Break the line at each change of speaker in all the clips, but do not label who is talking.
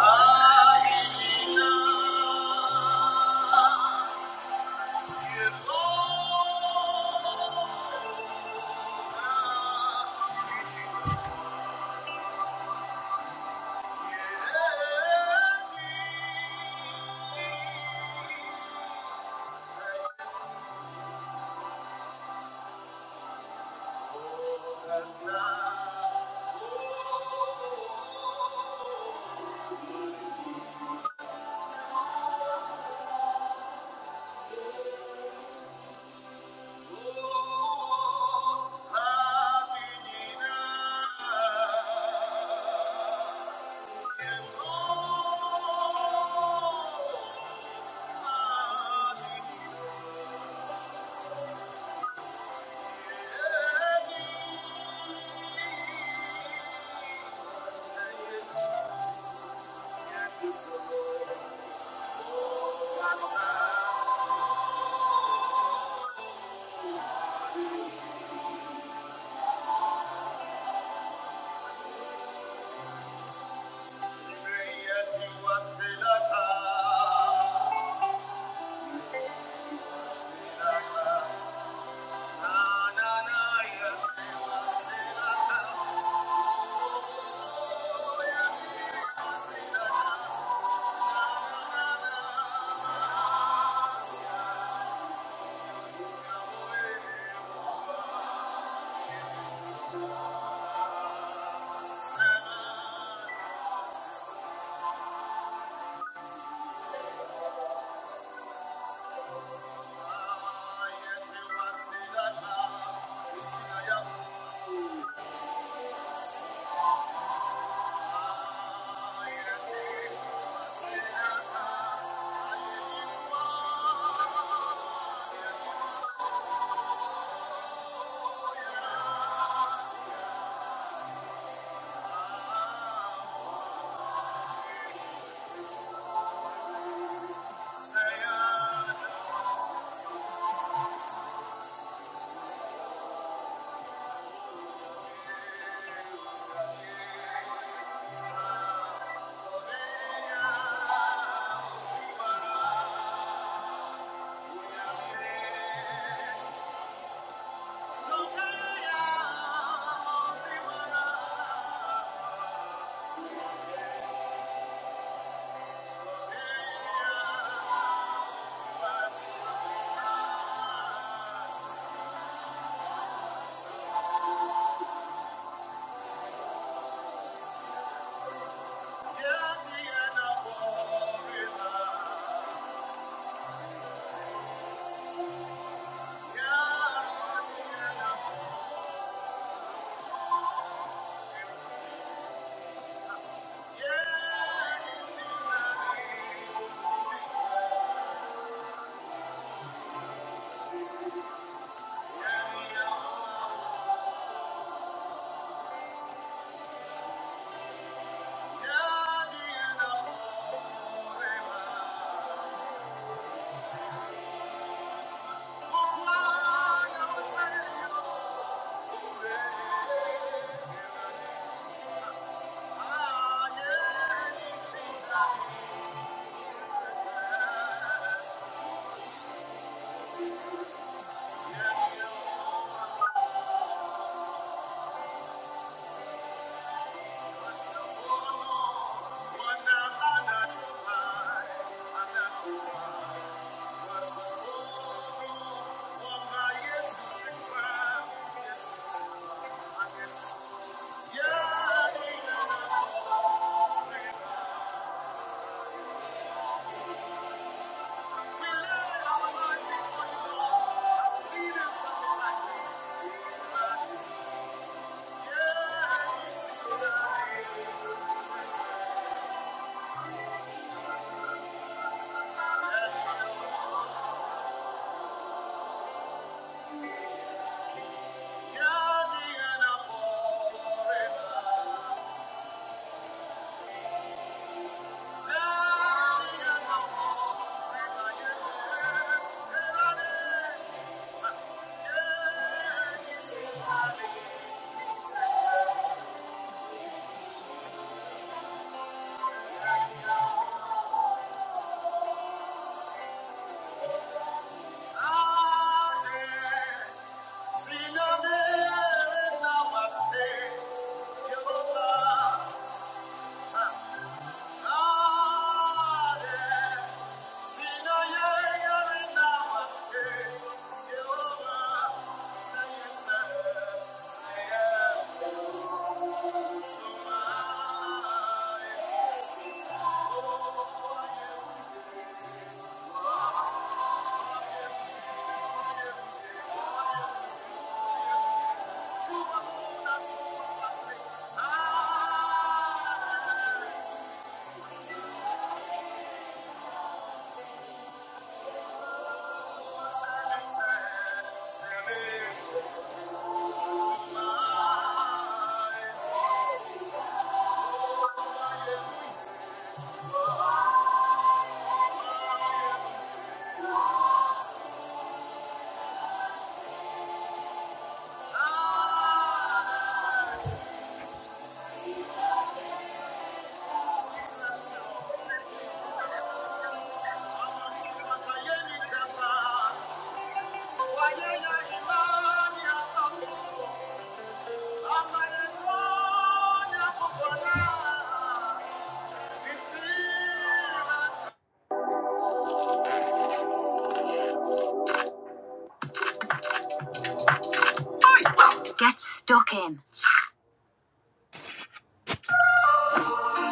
Oh, Thank you. Yeah. Yeah. Yeah. Yeah.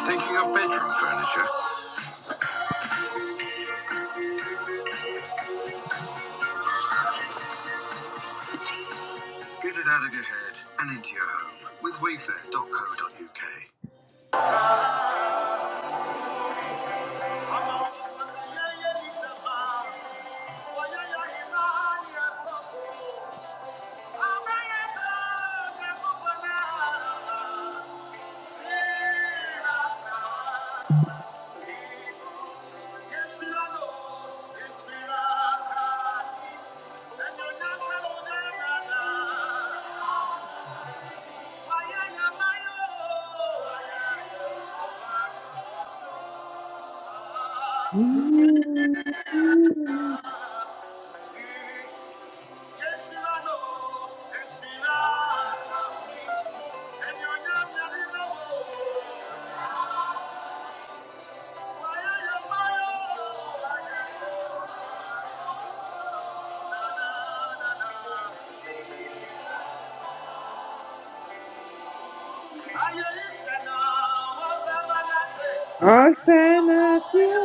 Thinking of bedroom furniture? Get it out of your head and into your home with Wayfair. dot Co. Uk.
Osana
Thank you. Thank
nació.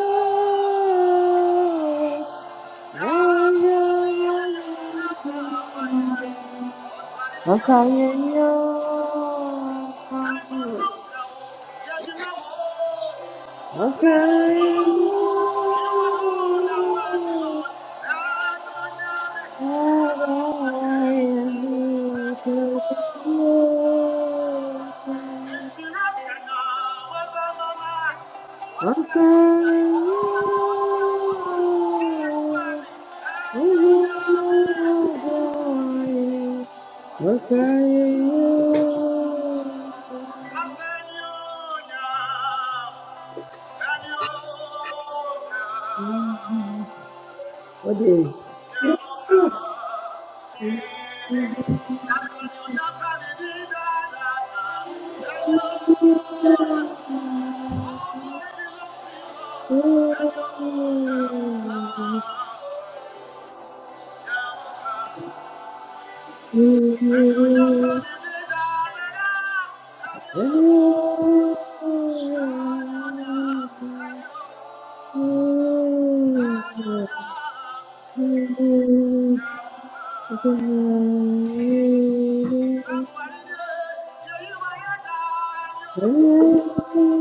la llama, nos
you.
alienó,
Thank you.
nos alienó, ahora hay Dios, nos alienó. What What
Thank you.
is?
Thank
Thank you.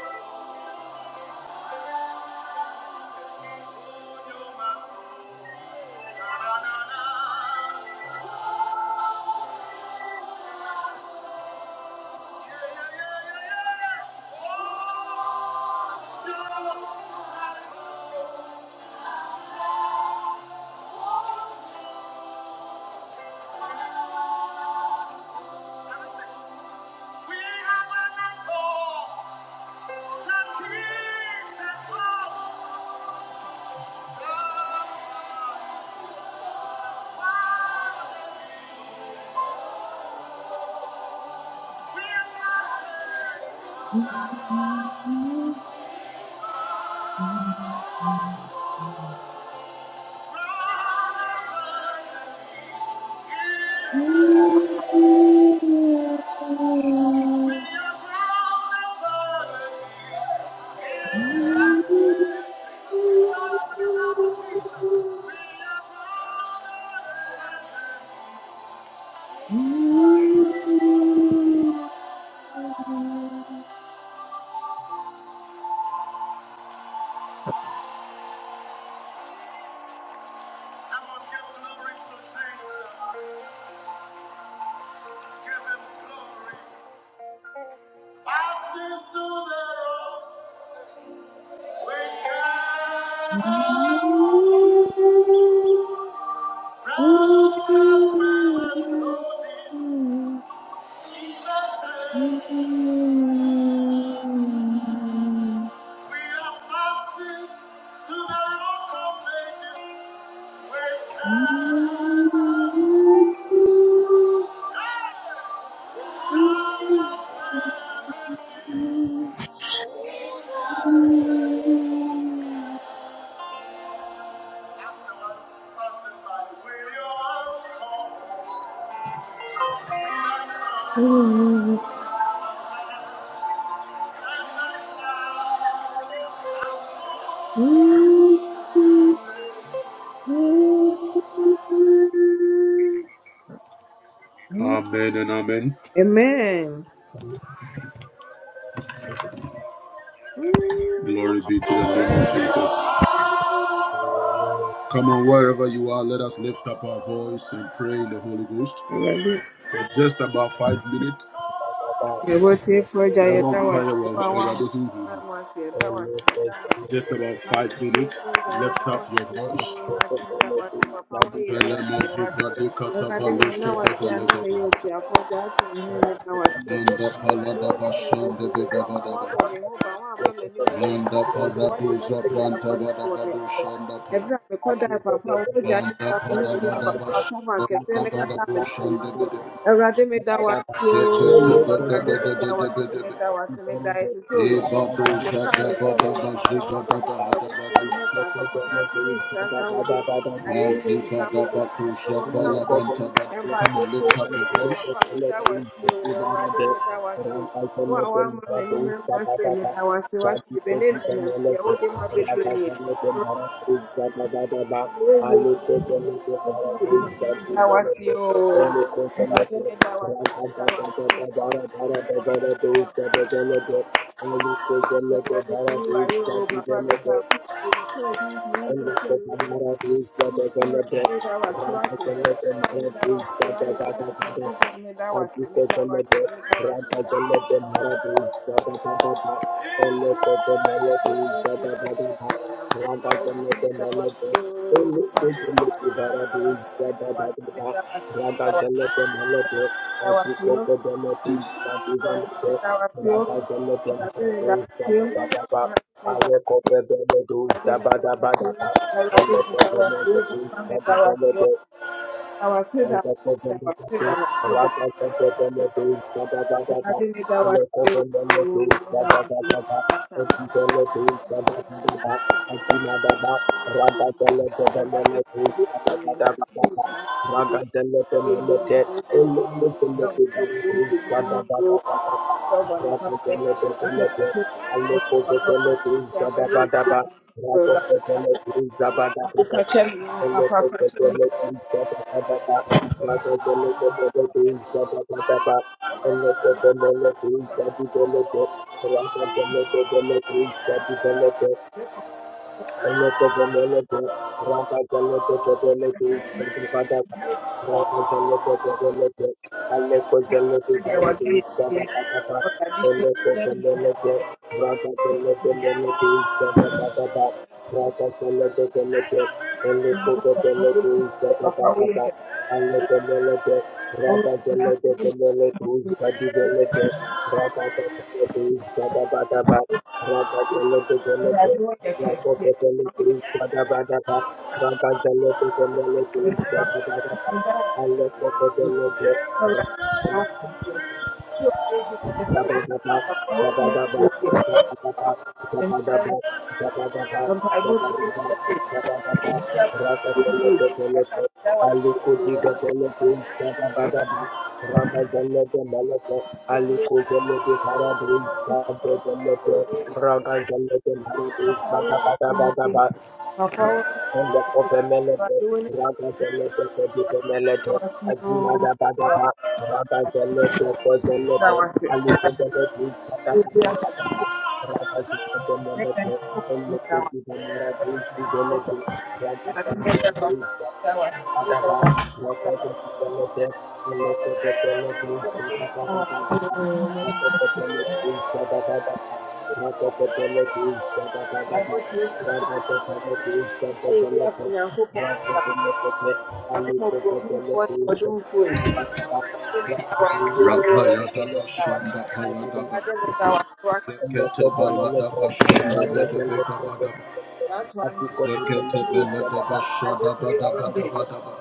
you. Yeah. Rather than feeling so deep, he doesn't. We are fasting to the rock of ages. We cannot move. Out of heaven, afterlife is standing by. We are called. Amen and amen.
Amen.
Glory be to the name of Jesus. Come on, wherever you are, let us lift up our voice and pray in the Holy Ghost for just about five minutes.
Mebotiefo agya
Yɛ bɔ
yɛda wo
mpaeɛ
ase
wɔ
wo a woama
Awurade ho
yɛn ho ase yɛda wo
Thank
ase yɛda wo ase
Just about five minutes.
Mebotiefo agya
Lift
yɛda
up
wo
your
ase oo
voice.
Awurade yɛda wo ase papa woayɛ bi
Vele
ama me
mazu
wate
brade kata
Awurade ma na
balosha da
wate
da
a
le
na
da
meyɛ
bahata.
otiafoɔ gya ato wo ne meda wo ase
Manda pala
Awurade
da
wo ne mma
bashan
dwo
de
me
de
yie
da da
papa
da
woabɔ me
bahata.
ho ban woamma m'anim anhu
Manda
ase papa
para
woate
doza
mɛte me
branta
papani
da da
wɔ
da
ne
do
nsɛm
shanda pa.
ɛberɛ a mekɔdae papa wo mogya ne
Manda
fa
pa
me ho
da
hia
da da
papa
bashan
tam
da
akɛseɛ
da
ne
da da
kata a me
do
ne me ma
shanda de
so
de de.
Awurade meda wase
Zeke te
ooo, Awurade meda wase, meda wase, meda esisi ootɔ. Ɛfra ne kyɛn no yɛ papa, wabɔ me ne m'abusua ho ban papa na ase ne nhyira nka wo din,
you.
Come on,
ayɛyie nka wo din, ntontom
Thank
nka
you.
wo din. Mpaebɔ
lift up
tiefoɔ
your
din,
voice.
papa meda wase ooo, Awurade meda wase. Wo a woama m'anim ama aseɛ meda wase, wate Ebenezer Nyame deɛ wode ma bɛduru nie. Meda wase ooo, Awurade meda wase, meda wase, meda wase, meda wase. Ayo, Papa, we wake up. We show you new
Thank
sessions. We are seeing our way that was watching. Family that was lying there for
you.
my good family that was me, that was
Adikotelebe,
me, that was me, that was
Radagelebe
me, that was me, that
Maradu,
was my family that was
Zadadadaba,
watching.
Elekotemelebe,
Show these new
Zadadadaba,
sessions. Ayo, me
Radagelebe
that was
Melebe,
you, my family that was
Elekotelebe
me, that was
Baradu,
me, that was me,
Zadadadaba,
that was
Radagelebe Melebe,
me, that was you.
Adikotelebe,
So I me
Zadadadaba,
that was you,
Radagelebe
and I me that
Maradu, Zadadadaba,
was you.
Ayekotebeledu,
Thank
Zabadabadaba, Elekotemelebe, Zadadadaba,
you. Ade fakyɛ me o, papa fakyɛ me o,
Raga Chala chala chala chala chala chala pa
Awurade
chala chala
papa
chala chala chala chala pa. Rata
me papa woyɛ papa woyɛ
Raga Zelle,
papa woyɛ
Raga
no, papa woyɛ kɛseɛ bio. Ɛno na ɛwɔ, na mpaebɔ tie wo bio. Ebi My power
Bada
is in
Bada Bada
you. My power is in you. My
Elekovemelete,
doing it. in unity.
ragazelete, keduvemelete,
Our people, our
aginadabadaba, ragazelete, kozelete,
our
alifedelete, katakatakataka,
make
ragazeletemelete,
an improvement with our.
elekekivamerate, ivelete,
We are doing it
ragazamelete,
with our, with our,
Adaba,
with our, with
Makoto,
our,
Pelete,
with our.
Pelete, Pelete,
We are doing it with
Pelete,
our.
Makoto, Pelete,
Everyone,
Sadabada, Makoto, Pelete,
I
Sadabada,
want you to make an
Makoto,
improvement.
Pelete,
I we are
Sadabada,
doing it with our.
Makoto, Pelete,
I am more
Alito,
proud of what
Pelete,
we are doing. We are doing
Sadabada,
it with
Makoto,
our.
Pelete,
We
Pelete,
are doing
Sadabada,
it
Makoto,
Rapayadaba
with our.
Shanda Payadaba
I didn't think I was working
Zekete
for
Pelete,
Baladaba Shanda
you.
Sadabada,
Debekabadaba
That's why I'm not
Makoto,
going to
Zekete
Pelete, Sadabada,
Beladaba
But I go
Shada
to you
Badaba
one day.
Daba Daba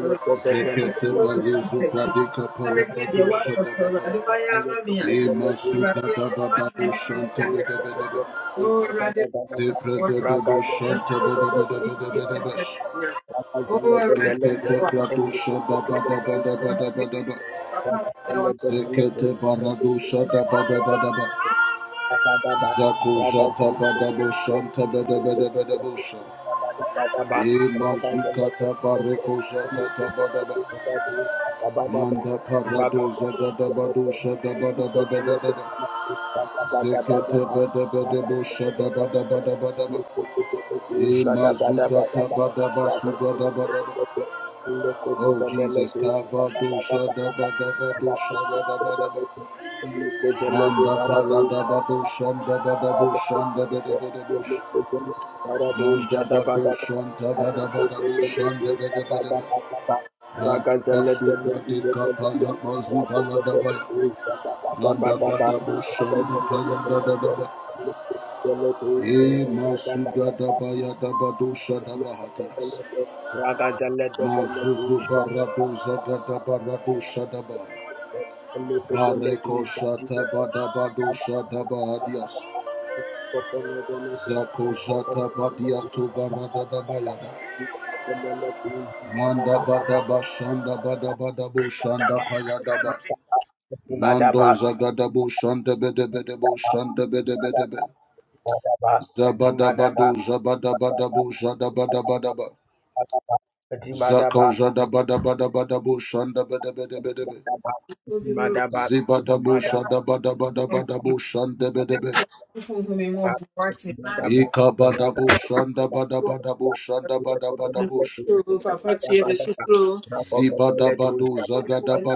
All right. You come to
Zekete
work and you
Balizu
make it.
Pradika
Some of you, they
Palabadu
work for
Shada
for Rade
Badaba
Waya Mamiya.
Ima
Rade,
Suga
you
Daba
want my
Dabu
name to
Shanta
cast.
Bedebedebe
Oh, Rade, I'm working. I'm going to be Jesus.
Raga
and yeah. Oh, Rade, I'm working. Papa mi da wa
Zekete barado
fẹ́ dá.
shata bada bada ba.
Raga
Zako jata bada bo shanta bada bada bada bo sha. E mazukata bareko jata ta bada ba. Manda parado zaga da bado shata bada bada bada ba. Zekete bada bada bo shata bada bada bada ba. E mazukata bada ba suga da bada ba. Oh Jesus, kabado shata bada bado shata bada bada ba. Manda para da da bu şanda da da bu
Ragazelle
şanda da da da da bu ş- Manda ba bu şanda da da da da bu şanda da da da da da. Manda ba su da di ka pa la ba zu ba la da ba. Manda ba da bu şanda pa ya da da da ba. E ma su da da ba ya da ba do Bareko şata ba da Zako Jata Badia Toba Rada da Bayada.
Dimadaba,
Manda Bada Bashanda Bada Bada Boshanda Payadaba. Mando
Madaba,
Zagada shanda Bede shanda Boshanda Bede Bede Bede.
a
Zabada
Dimadaba,
Bado Zabada Bada Boshada Bada Bada Ba.
a Dimadaba, a Dimadaba, a
Zako
Dimadaba,
Jada Bada Bada Bada Boshanda Bede Bede Bede
a
Ó bí wúrò
shanda
Dimadaba, a
Zibada shanda Bada Bada
kan
Bada Boshanda Bede Bede.
í fún mi mọ́ bu wá
Dimadaba,
Ika Bada
Ragada, Ragada, a
Boshanda Bada Bada
Basta,
Boshanda
the
Bada Bada
Economic
Bosh.
Letters, the
Papa Thierry
Badabada,
Sufro,
Rako from the Letters,
Zibadabado
the Badabada,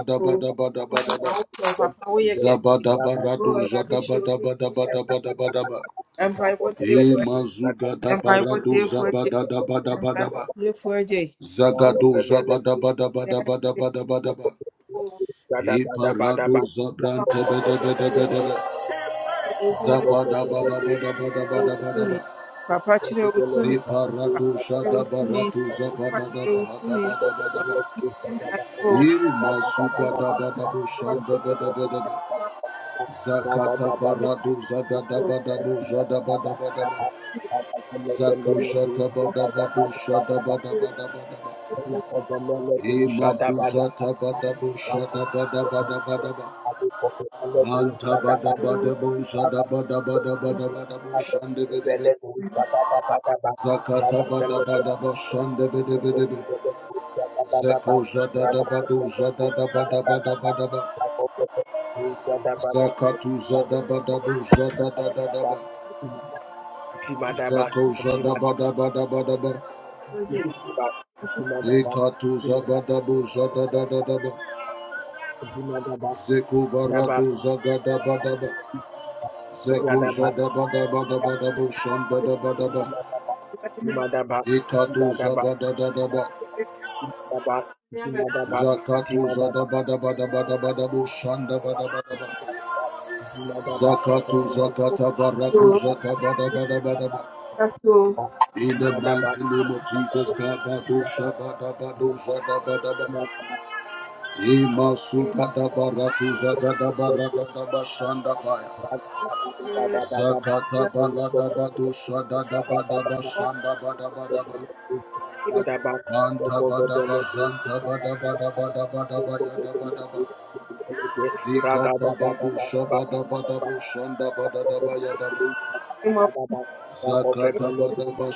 Raga,
Papa Oyeke, Go
Zabadabarado
and Rabbit Show,
zadabadabadabadabadabadaba.
Empire
Rako
What
from
Year for
the
a Day, Empire What
Imazugadabarato
Year for a Day, Empire What
zabadabadabadabadaba.
Letters,
Year for a Day,
Shada
Zagado zabadabadabadabadabadabadaba. Iparado
Papa
zabrantebedebedebedebe.
Utumi,
Zabadabadabadabadabadabadaba.
Papa Chile Utumi, Papa
Ziparato
Chile Utumi,
shadabarato
Papa Chile Utumi,
zabadabadabadabadabadaba.
I go,
Imasukadabadabo shambadabadabadaba. Zakata baradu zagada badadu zada bada bada ba. Zakushata bada badu shada bada bada
bada,
Imakuzata bada shada bada
I think for
Manta
the
bada zada bada bada bada bada shande bede Zakata bada shande bede bede be. zada da Zakatu zada bada zada da da da ba.
Dimadaba,
Zekatu zagadabo zadadadadaba. Zeku barado zagadabadaba. Zeku
Dimadaba,
zadabadabadabadabo shandadabadaba. Ikatu zagadadadaba.
Dimadaba,
Zakatu
Dimadaba,
zadabadabadabadabadabo shandabadabadaba.
Ragada
Zakatu zakata baraku zakabadabadabadaba. In the mighty name of Jesus, Kabado Shabadabado Zadabadaba, Ima Sugadabaraku Zagadabaradaba Shandapaya. Zakata balada bado shada da bada ba bada bada ba. Manta bada ba bada bada bada bada bada da bada ba. Zikata bado shaba bada bo bada da ba da ba.
Emo,
Zakata bada ba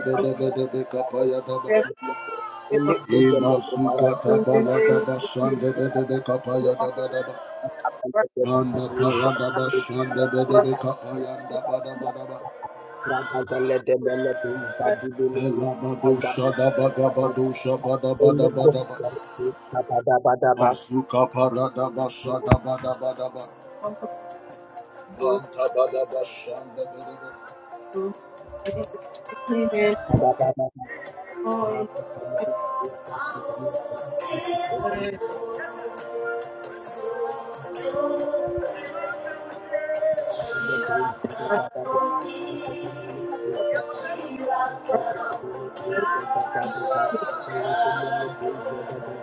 bada bada be kapa da ba.
Ele utele
Ima
de bara
sukata
kante
balada ba bada be kapa
de
da bada ba.
bara kante de bara
Manda
doja.
parada ba bada be
Ikaba
kapa da bada bada ba.
raga zele de mele doja gibele de aga
Elabadosha da bada
aga
badosha bada
ele
bada bada ba.
kofte de aga da ba da ba
Mazuka parada bashada bada bada ba banta bada bashanda bada ba.
aga da ba da rako de de de de de de de de da da da da. Rako de de de de de de de de da da da. da da da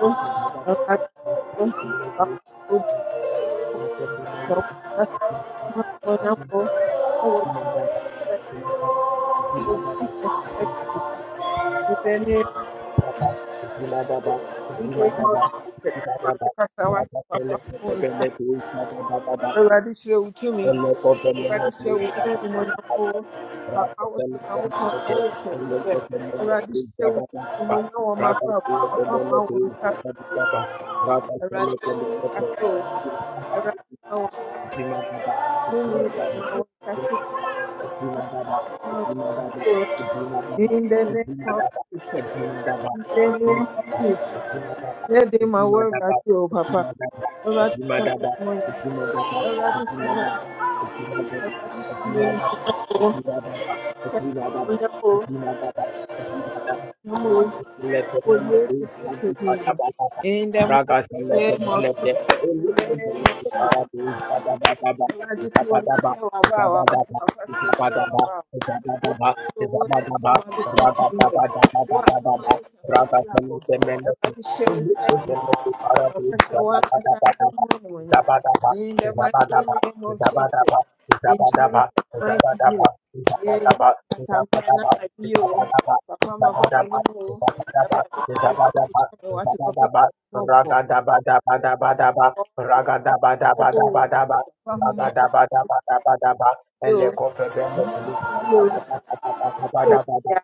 Rabbit, Papa Utumi, Papa Utumi,
Rata
Papa Utumi, Papa Utumi, In the name of Jesus. Lord, I cast out Papa was already show to me. Already show with anyone more. Papa was now for now yes. yes. Already show with anyone or my problem. Papa my own cast already cast all. Already my own really where my own cast
Kadima Daba,
my own
Kadima
cast
Daba,
all.
Kadima Daba,
In the name
Kadima
of
Daba,
Jesus.
Kadima Daba, Kadima Daba,
In the
Kadima Daba,
name of Jesus.
Kadima Daba,
Let them my
Kadima
word
Daba,
radio, Papa.
Kadima Daba,
Already
Kadima
seven
Daba,
money.
Kadima Daba,
Already
Kadima Daba, Kadima Daba, Kadima
seven.
Daba, Kadima
Already
Daba,
seven. Vamos por
Kadima
Jesus
Daba,
Cristo,
Kadima
Senhor.
Daba.
In
Rakasallate mallate, Shantikata
the
Baba,
mighty
Rakasallate
name of
mallate,
Jesus. In the name of
Elukasallate
Jesus.
Paradu, Daba Daba,
Already to ti
Daba
wɔ ne
Daba,
gyina to have a wawate wapase kura wɔ what what what somebody sent away. What somebody sent for flower. Everybody share with me now. Professor Walker Samson Honeyman. In the mighty name of Jesus. In Jesus' mighty name. Yeah, I Tampana you. Papa my bow any more. Everybody from me body tell me what to papa mobile. Papa mobile.
Raga
Papa who me mobile.
Bagadabadabadabadaba,
You.
elekofebele,
You.
elekofebele,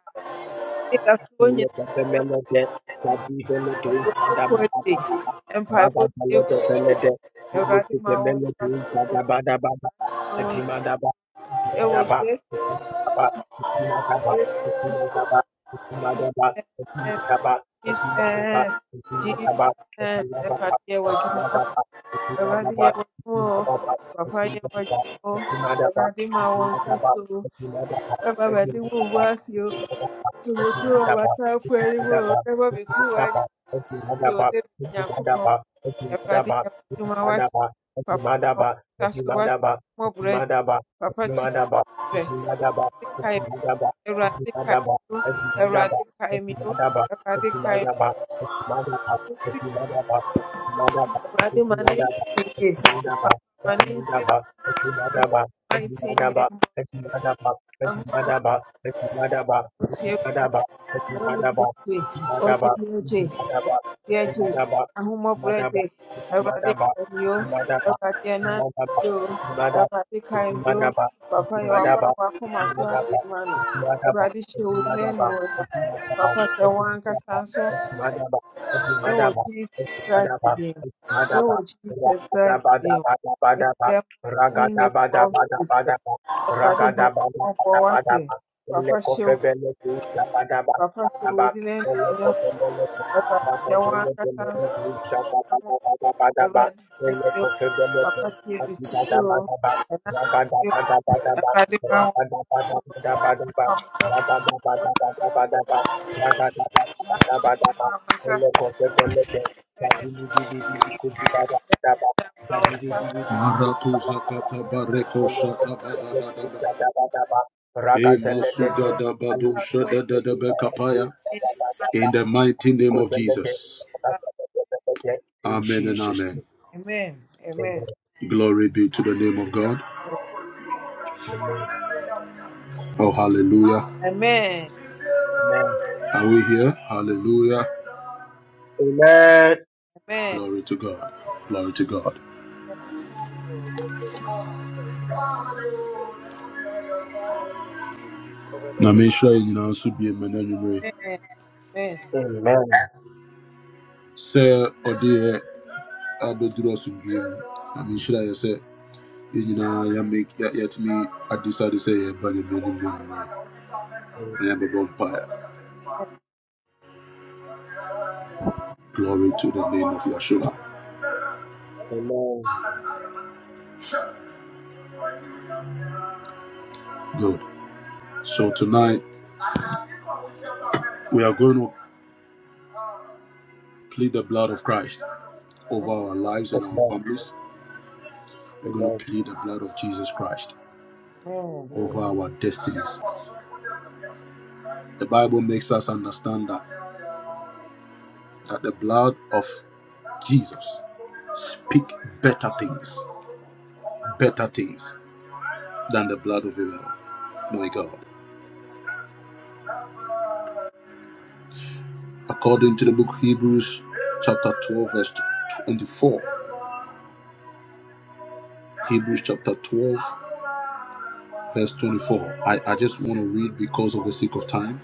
Yeah.
elekofebele, de, kadivele, de,
ɔbɛkɔdi
kadabadabadaba,
mpaebɔ tie
ragadale, de, bele, de,
awurade ma wɔn
elekofebele,
nsa
de,
so wɔ wɔn
kadabadabadaba,
ɛwɔ
Daba, Daba, Daba, Daba, Daba, Daba, Daba, Daba, Daba,
jesus jesus awurade yɛ wɔ adwuma wa awurade yɛ o papa yɛ wɔ o awurade ma wɔn nsa so o ɛma wo owó ase o ɔbɛkuru wɔ w'atamfo anim o ɛma bɛkuru wɔ anya so o david nyankopɔn awurade yɛ wɔ adwuma wa papa ma wɔn
Madaba,
nsa so wa
Madaba,
mmɔborɔ agya
Madaba,
papa tie brɛ Awurade kae mu, Awurade kae mu, Awurade kae mu, Awurade ma ne nsi me yie, ma ne nsi me yie, mighty name of Yehovah, ahotie kwan, ɔne bi agye, ɔne bi agye, ɔne bi agye, ahomɔborɔ agye, Awurade kae mu, Awurade ɛna anadwo o, Awurade kae mu,
Madaba,
papa yɛ waba
Madaba,
a wakoma so
Madaba, Madaba,
adeɛ ma no,
Madaba, Madaba,
Awurade hyɛ wo din
Madaba,
animuonyam, papa hyɛ wɔn ankasa nso
Madaba,
Oh, Jesus Christ again.
Madaba,
Oh, Jesus Christ again.
Madaba,
In
Madaba,
the mighty name of Jesus.
Ragadabadabadabadaba, Ragadabadabadabadaba,
Everybody who won't one thing.
Ragadabadabadabadaba,
Papa show, Papa
Elekofebelekuzabadabadabadaba,
show, didn't know.
Elekofebeleke-
Everybody show one that comes.
Bababelebelebekuzabadabadabadaba,
Everybody say you. Papa
Elekofebeleke-
show me to grow. And I feel everybody man will come. That's why I'm a pastor.
Maratu zakata bareko shata bada bada ba. E masuda da bado shada da da be kapaya. In the mighty name of Jesus.
in
Amen and
Jesus'
amen.
Amen. Amen.
name,
Amen.
Glory be to the name of God.
amen.
Oh, hallelujah.
Amen.
Amen.
Are we here? Hallelujah.
Amen.
Glory to God. Glory to God. Na me nhyira yɛ nyinaa nso bie mma n'anwummere.
Amen. Amen.
Amen.
Sɛ ɔde yɛ abɛduru I mean, Na me say, you sɛ yɛn nyinaa yɛame- yɛ- yɛatumi adesade sɛ yɛreba Nyame anim ne nyinaa na
Amen.
yɛabɛbɔ mpaeɛ.
Amen.
Glory to the name of Yeshua. Good. So tonight we are going to plead the blood of Christ over
Amen.
our lives and our
Amen.
families. We're going to
Amen.
plead the blood of Jesus Christ over
Mm,
our destinies. The Bible makes us understand that, that the blood of Jesus speak better things, better things than the blood of Abel. My God. According to the book Hebrews chapter 12 verse 24. Hebrews chapter 12 verse 24. I, I just want to read because of the sake of time.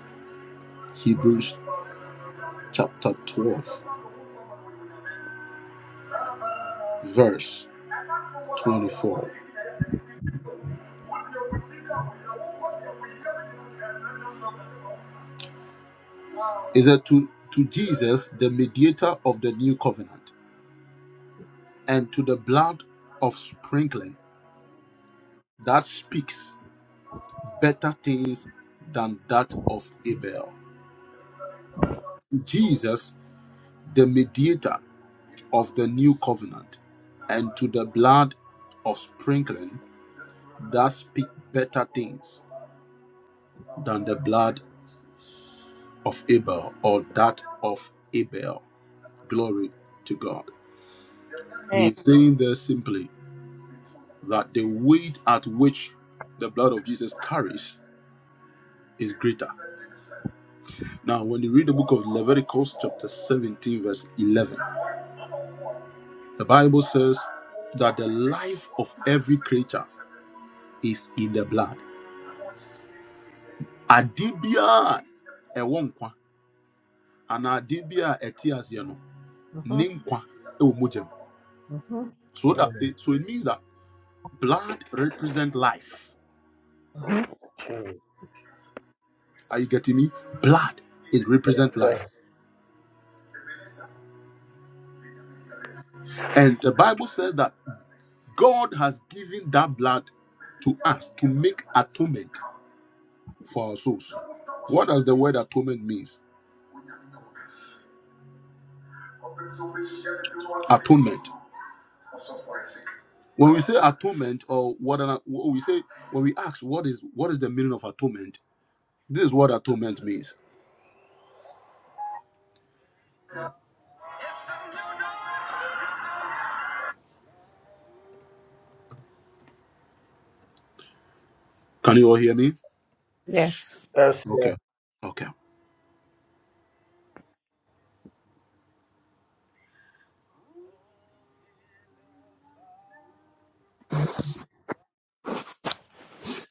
Hebrews chapter 12 verse 24. Is that to, to Jesus, the mediator of the new covenant, and to the blood of sprinkling that speaks better things than that of Abel? Jesus, the mediator of the new covenant, and to the blood of sprinkling that speak better things than the blood of Abel or that of Abel. Glory to God. He
Amen.
is saying there simply that the weight at which the blood of Jesus carries is greater. Now, when you read the book of Leviticus, chapter 17, verse 11, the Bible says that the life of every creature is in the blood. Adibia ewonkwa, and adibia etiasiano,
Mm-hmm.
ninkwa ewomujem.
Mm-hmm.
So that
mm,
so it means that Blood represent life.
Mm-hmm.
mm.
Are you getting me? Blood, it represents
So,
life. And the Bible says that God has given that blood to us to make atonement for our souls. What does the word atonement means? Atonement. When we say atonement, or what, an, what we say when we ask what is what is the meaning of atonement, this is what atonement means. Can you all hear me?
Yes.
Yes, sir.
Okay. Okay.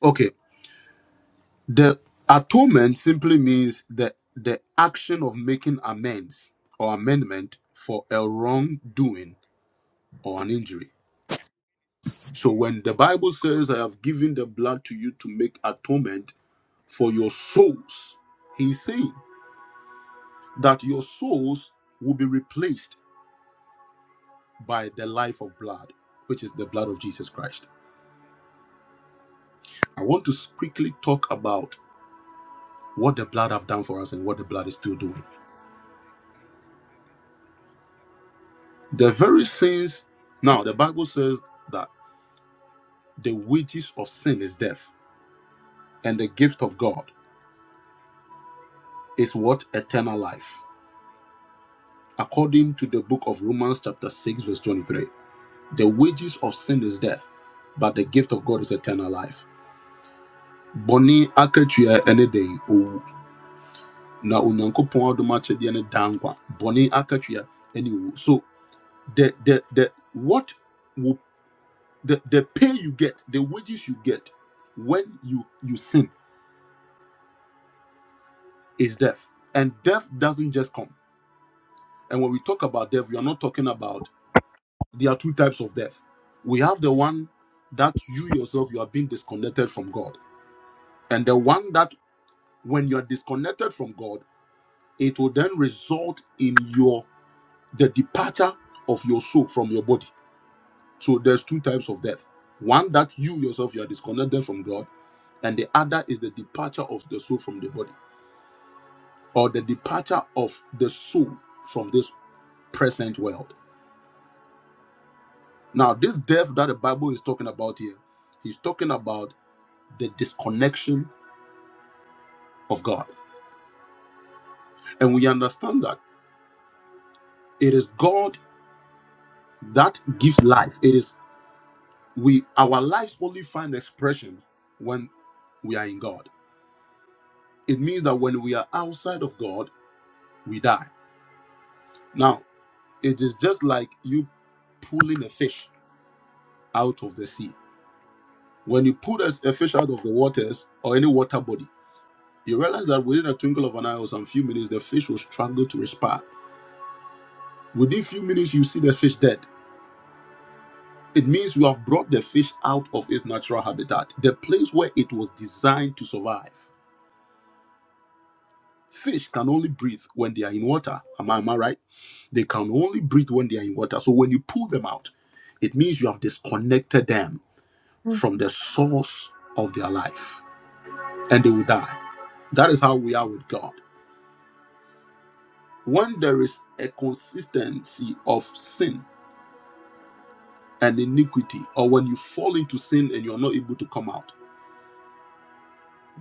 Okay. The atonement simply means the the action of making amends or amendment for a wrongdoing or an injury. So when the Bible says, "I have given the blood to you to make atonement for your souls," he's saying that your souls will be replaced by the life of blood, which is the blood of Jesus Christ. I want to quickly talk about what the blood have done for us and what the blood is still doing. The very sins. Now the Bible says that. The wages of sin is death, and the gift of God is what? Eternal life. According to the book of Romans, chapter 6, verse 23. The wages of sin is death, but the gift of God is eternal life. Boni akatua ne den owu. Na onyankopɔn adom akyɛdeɛ ne da nkwa. Bɔne akatua ne owu. So the the the what wo- the, the pay you get, the wages you get when you you sin is death. And death doesn't just come. And when we talk about death, we are not talking about there are two types of death. We have the one that you yourself you are being disconnected from God, and the one that when you are disconnected from God, it will then result in your the departure of your soul from your body. So there's two types of death. One that you yourself you are disconnected from God, and the other is the departure of the soul from the body, or the departure of the soul from this present world. Now, this death that the Bible is talking about here, he's talking about the disconnection of God. And we understand that it is God that gives life. It is we our lives only find expression when we are in God. It means that when we are outside of God, we die. Now, it is just like you pulling a fish out of the sea. When you pull a a fish out of the waters or any water body, you realize that within a twinkle of an eye or some few minutes, the fish will struggle to respire Within few minutes, you see the fish dead. It means you have brought the fish out of its natural habitat, the place where it was designed to survive. Fish can only breathe when they are in water. Am I, am I right? They can only breathe when they are in water. So when you pull them out, it means you have disconnected them from the source of their life and they will die. That is how we are with God. When there is a consistency of sin and iniquity, or when you fall into sin and you are not able to come out,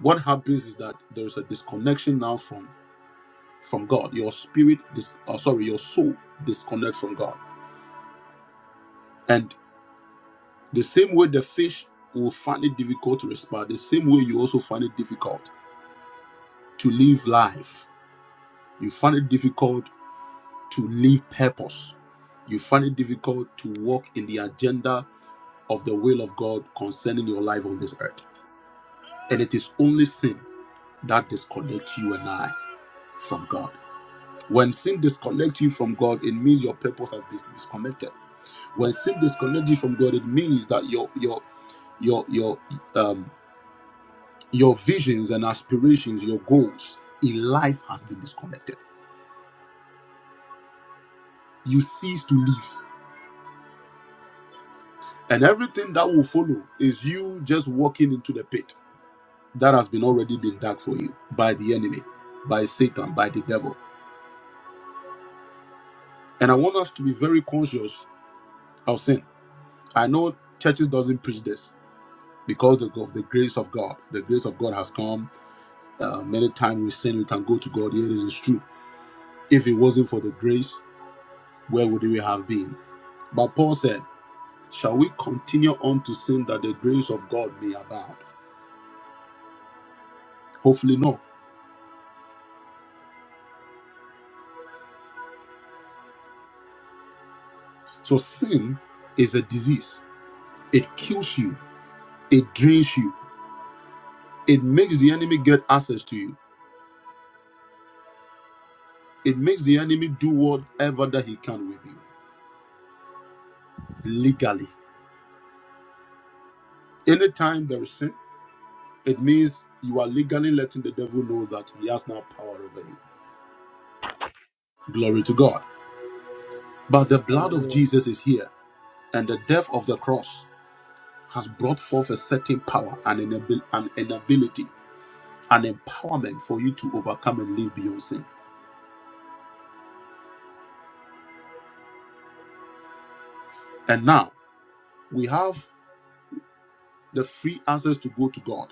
what happens is that there's a disconnection now from from god your spirit dis- uh, sorry your soul disconnect from god and the same way the fish will find it difficult to respire the same way you also find it difficult to live life you find it difficult to live purpose you find it difficult to walk in the agenda of the will of god concerning your life on this earth and it is only sin that disconnects you and i from god When sin disconnects you from God, it means your purpose has been disconnected. When sin disconnects you from God, it means that your your your your um your visions and aspirations, your goals in life has been disconnected. You cease to live. And everything that will follow is you just walking into the pit that has been already been dug for you by the enemy, by Satan, by the devil. And I want us to be very conscious of sin. I know churches doesn't preach this, because of the grace of God. The grace of God has come. Uh, many times we sin, we can go to God. Here it is true. If it wasn't for the grace, where would we have been? But Paul said, Shall we continue on to sin that the grace of God may abound? Hopefully, not. So, sin is a disease. It kills you, it drains you, it makes the enemy get access to you, it makes the enemy do whatever that he can with you legally. Anytime there is sin, It means you are legally letting the devil know that he has now power over you. Glory to God. But the blood of
Amen.
Jesus is here, and the death of the cross has brought forth a certain power and an abil- an inability, an empowerment for you to overcome and live beyond sin. And now we have the free access to go to God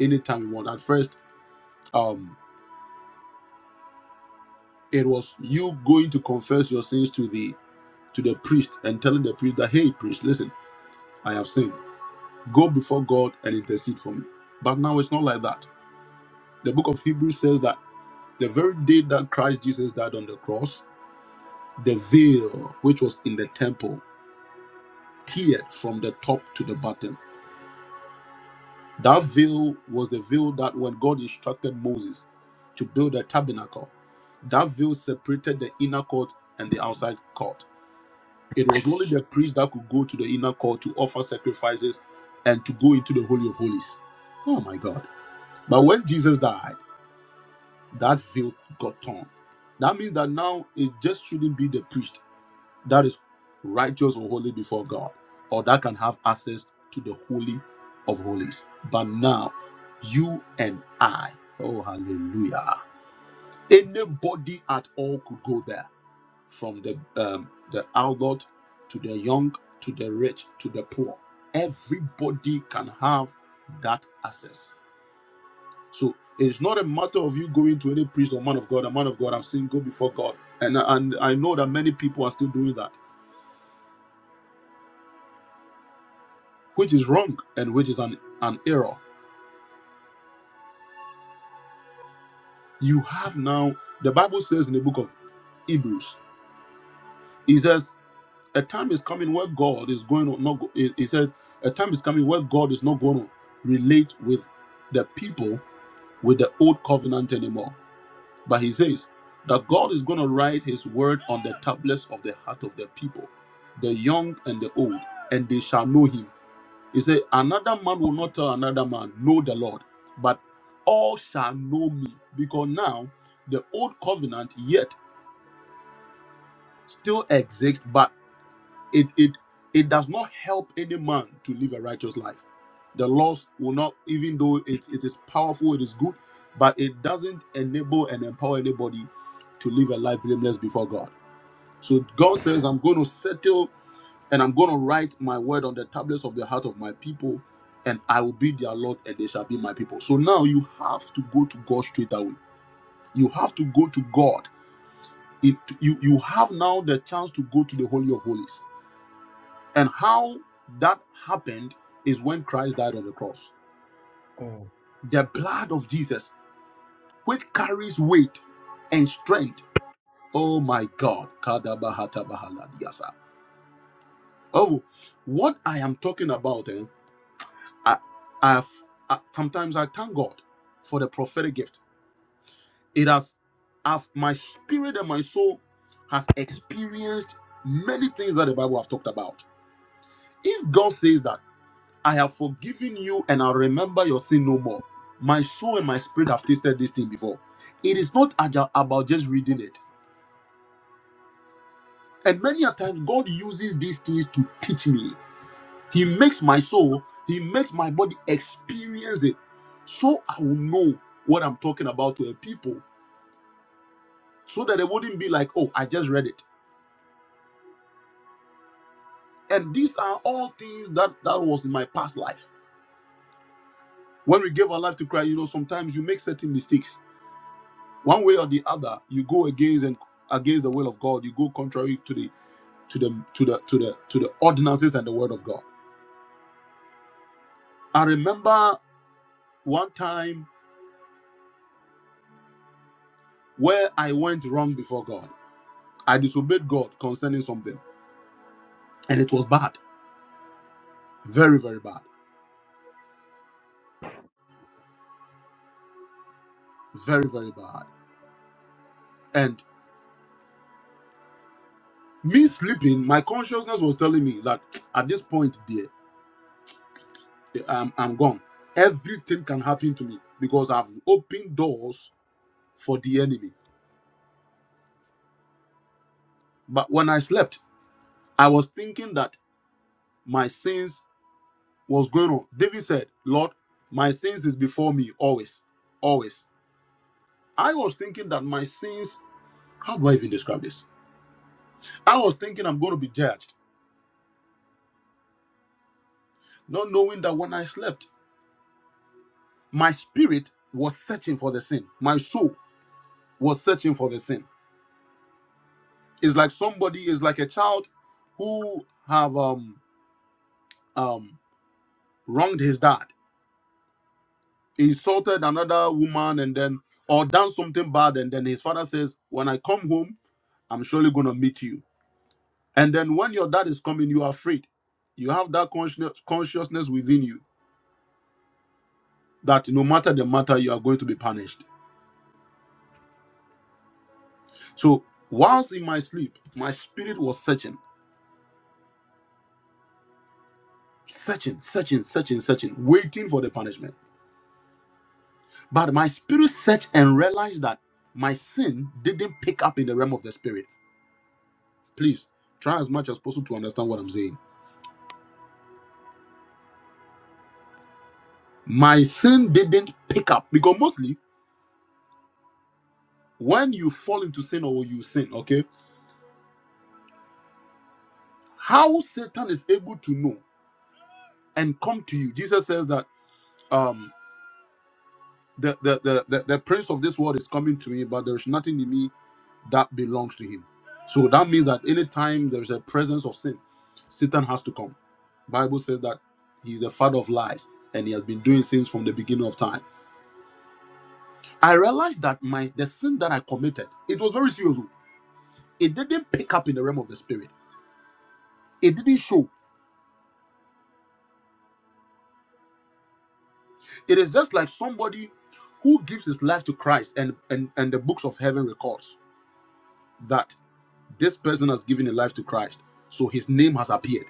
anytime you want. At first, um, it was you going to confess your sins to the to the priest and telling the priest that, hey, priest, listen, I have sinned. Go before God and intercede for me. But now it's not like that. The book of Hebrews says that the very day that Christ Jesus died on the cross, the veil which was in the temple teared from the top to the bottom. That veil was the veil that when God instructed Moses to build a tabernacle, that veil separated the inner court and the outside court. It was only the priest that could go to the inner court to offer sacrifices and to go into the Holy of Holies. Oh my God. But when Jesus died, That veil got torn. That means that now it just shouldn't be the priest that is righteous or holy before God, or that can have access to the holy of holies. But now, you and I, oh hallelujah! Anybody at all could go there, from the um, the adult to the young to the rich to the poor. Everybody can have that access. So it's not a matter of you going to any priest or man of God, a man of God, I've seen go before God. And and I know that many people are still doing that, which is wrong and which is an, an error. You have now, the Bible says in the book of Hebrews, he says, a time is coming where God is going to not go, he he said, a time is coming where God is not going to relate with the people with the old covenant anymore. But he says that God is going to write his word on the tablets of the heart of the people, the young and the old, and they shall know him. He said, Another man will not tell another man, Know the Lord, but all shall know me. Because now the old covenant yet still exists, but." it it it does not help any man to live a righteous life the laws will not even though it, it is powerful it is good but it doesn't enable and empower anybody to live a life blameless before god so god says i'm going to settle and i'm going to write my word on the tablets of the heart of my people and i will be their lord and they shall be my people so now you have to go to god straight away you have to go to god it, you, you have now the chance to go to the holy of holies and how that happened is when Christ died on the cross.
Mm,
The blood of Jesus, which carries weight and strength. Oh my God. Kadabahatabahaladyasa. Oh, what I am talking about, eh, I, I've, I- sometimes I thank God for the prophetic gift. It has, I've, my spirit and my soul has experienced many things that the Bible have talked about. If God says that, I have forgiven you and I'll remember your sin no more. My soul and my spirit have tasted this thing before. It is not aja- about just reading it. And many a times, God uses these things to teach me. He makes my soul, He makes my body experience it. So I will know what I'm talking about to a people. So that they wouldn't be like, oh, I just read it. And these are all things that that was in my past life. When we gave our life to Christ, you know, sometimes you make certain mistakes one way or the other you go against and against the will of god you go contrary to the to the to the to the to the ordinances and the word of god i remember one time where i went wrong before god i disobeyed god concerning something and it was bad very very bad very very bad and me sleeping my consciousness was telling me that at this point dear i'm, I'm gone everything can happen to me because i've opened doors for the enemy but when i slept I was thinking that my sins was going on. David said, Lord, my sins is before me always, always. I was thinking that my sins, how do I even describe this? I was thinking I'm going to be judged, not knowing that when I slept, my spirit was searching for the sin. My soul was searching for the sin. It's like somebody is like a child who have um um wronged his dad insulted another woman and then or done something bad and then his father says when i come home i'm surely going to meet you and then when your dad is coming you are afraid you have that consciousness consciousness within you that no matter the matter you are going to be punished so whilst in my sleep my spirit was searching searching searching searching searching waiting for the punishment but my spirit searched and realized that my sin didn't pick up in the realm of the spirit please try as much as possible to understand what i'm saying My sin didn't pick up because mostly when you fall into sin or you sin, okay, how Satan is able to know and come to you. Jesus says that um the the the, the, the prince of this world is coming to me, but there is nothing in me that belongs to him. So that means that anytime there is a presence of sin, Satan has to come. Bible says that he is the father of lies and he has been doing things from the beginning of time. I realized that my the sin that I committed, it was very serious. It didn't pick up in the realm of the spirit. It didn't show. It is just like somebody who gives his life to Christ and and, and the books of heaven records that this person has given a life to Christ. So his name has appeared.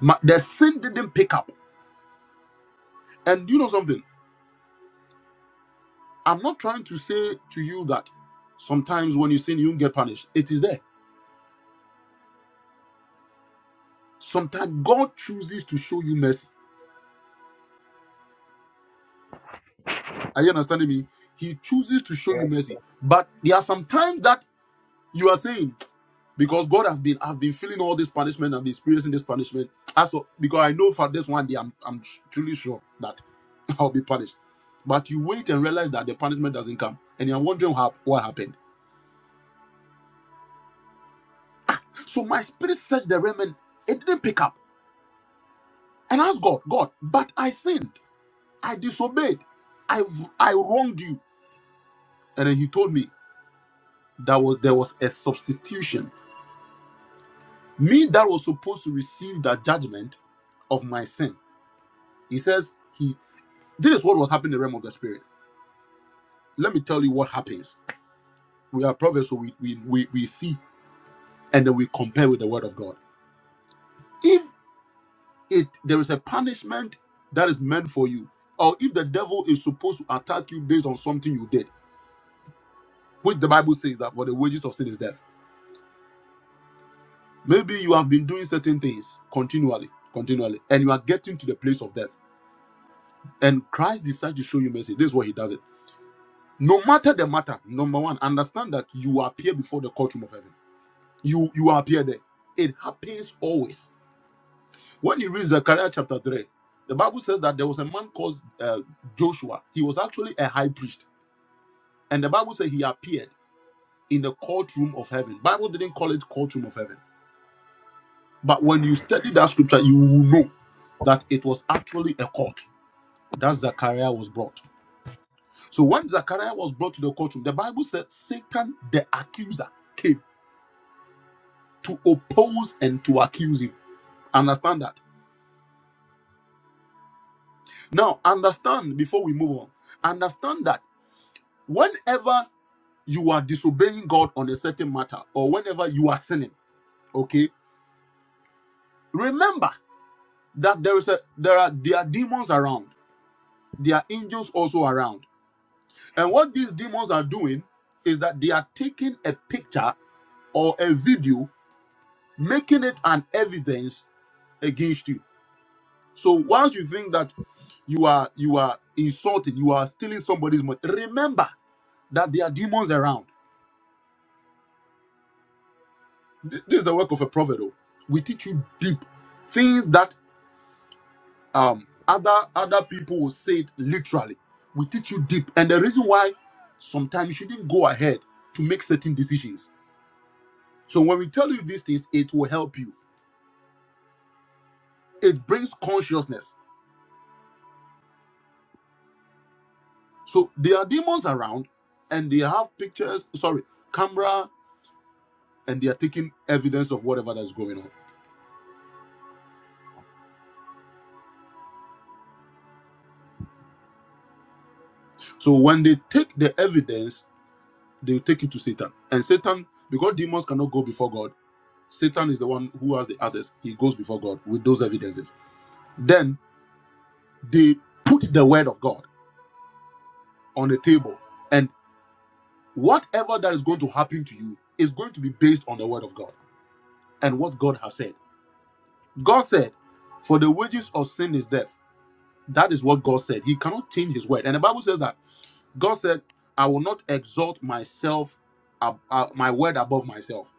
Ma- the sin didn't pick up. And you know something? I'm not trying to say to you that sometimes when you sin, you don't get punished. It is there. Sometimes God chooses to show you mercy. Are you understanding me? He chooses to show you
Yes.
mercy. But there are some times that you are saying. because God has been I've been feeling all this punishment, I've been experiencing this punishment. As for, because I know for this one day I'm I'm truly sure that I'll be punished. But you wait and realize that the punishment doesn't come, and you're wondering how, what happened. So my spirit searched the realm and it didn't pick up. And asked God, God, but I sinned, I disobeyed, I I wronged you. And then He told me that was there was a substitution. Me that was supposed to receive that judgment of my sin. He says. He. This is what was happening in the realm of the spirit. Let me tell you what happens. We are prophets, so we, we, we, we see and then we compare with the word of God. If it there is a punishment that is meant for you, or if the devil is supposed to attack you based on something you did, which the Bible says that for the wages of sin is death. Maybe you have been doing certain things continually, continually, and you are getting to the place of death. And Christ decides to show you mercy. This is what he does it. No matter the matter, number one, understand that you appear before the courtroom of heaven. you you appear there. It happens always. When you read Zechariah chapter 3, the Bible says that there was a man called uh, Joshua. He was actually a high priest. And the Bible says he appeared in the courtroom of heaven. Bible didn't call it courtroom of heaven. But when you study that scripture, you will know that it was actually a court that Zechariah was brought. So when Zechariah was brought to the courtroom, the Bible said Satan, the accuser, came to oppose and to accuse him. Understand that? Now, understand before we move on, understand that whenever you are disobeying God on a certain matter or whenever you are sinning, okay, remember that there is a there are there are demons around, there are angels also around. And what these demons are doing is that they are taking a picture or a video, making it an evidence against you. So once you think that you are you are insulting, you are stealing somebody's money, remember that there are demons around Th- This is the work of a prophet. Oh. We teach you deep things that um other other people will say it literally. We teach you deep, and the reason why sometimes you shouldn't go ahead to make certain decisions. So when we tell you these things, it will help you. It brings consciousness. So there are demons around, and they have pictures. Sorry, camera, and they are taking evidence of whatever that's going on. So when they take the evidence, they will take it to Satan, and Satan because demons cannot go before God Satan is the one who has the access. He goes before God with those evidences. Then they put the word of God on the table. And whatever that is going to happen to you is going to be based on the word of God and what God has said. God said, For the wages of sin is death. That is what God said. He cannot change his word. And the Bible says that God said, I will not exalt myself, ab- uh, my word above myself.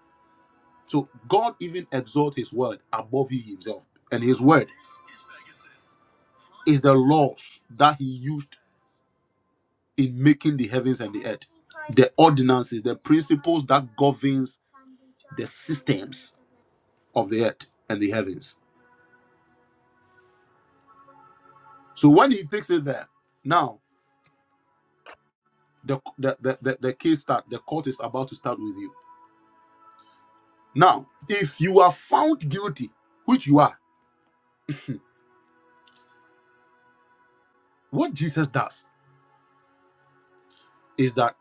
So God even exalt his word above he himself. And his word is the laws that he used in making the heavens and the earth the ordinances the principles that governs the systems of the earth and the heavens so when he takes it there now the the the, the, the case start the court is about to start with you now if you are found guilty which you are what jesus does is that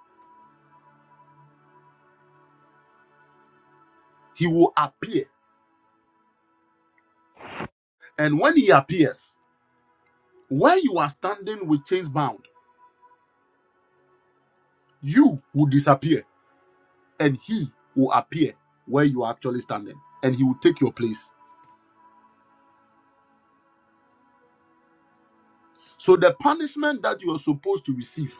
he will appear and when he appears where you are standing with chains bound you will disappear and he will appear where you are actually standing and he will take your place So the punishment that you are supposed to receive,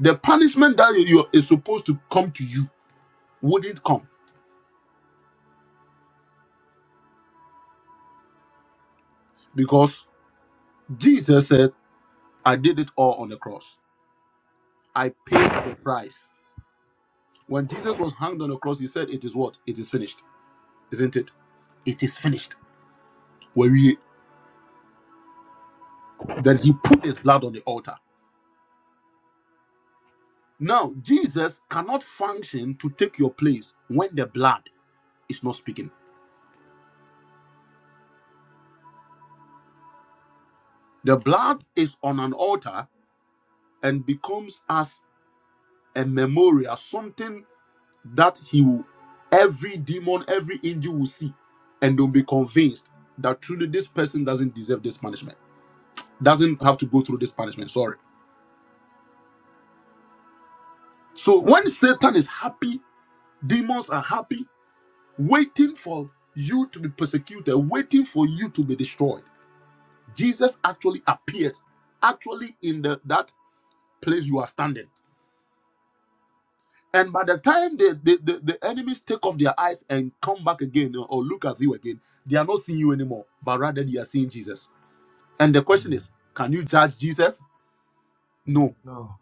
the punishment that you you is supposed to come to you, wouldn't come because Jesus said, "I did it all on the cross. I paid the price." When Jesus was hanged on the cross, he said, "It is what? It is finished, isn't it? It is finished." Where he then he put his blood on the altar. Now Jesus cannot function to take your place when the blood is not speaking. The blood is on an altar and becomes as a memorial, something that he will, every demon, every angel will see, and they'll be convinced that truly this person doesn't deserve this punishment, doesn't have to go through this punishment. Sorry. So when Satan is happy, demons are happy, waiting for you to be persecuted, waiting for you to be destroyed. Jesus actually appears, actually in the that place you are standing. And by the time they, they, the, the enemies take off their eyes and come back again or or look at you again, they are not seeing you anymore, but rather they are seeing Jesus. And the question
Mm,
is, can you judge Jesus?
you
No.
know.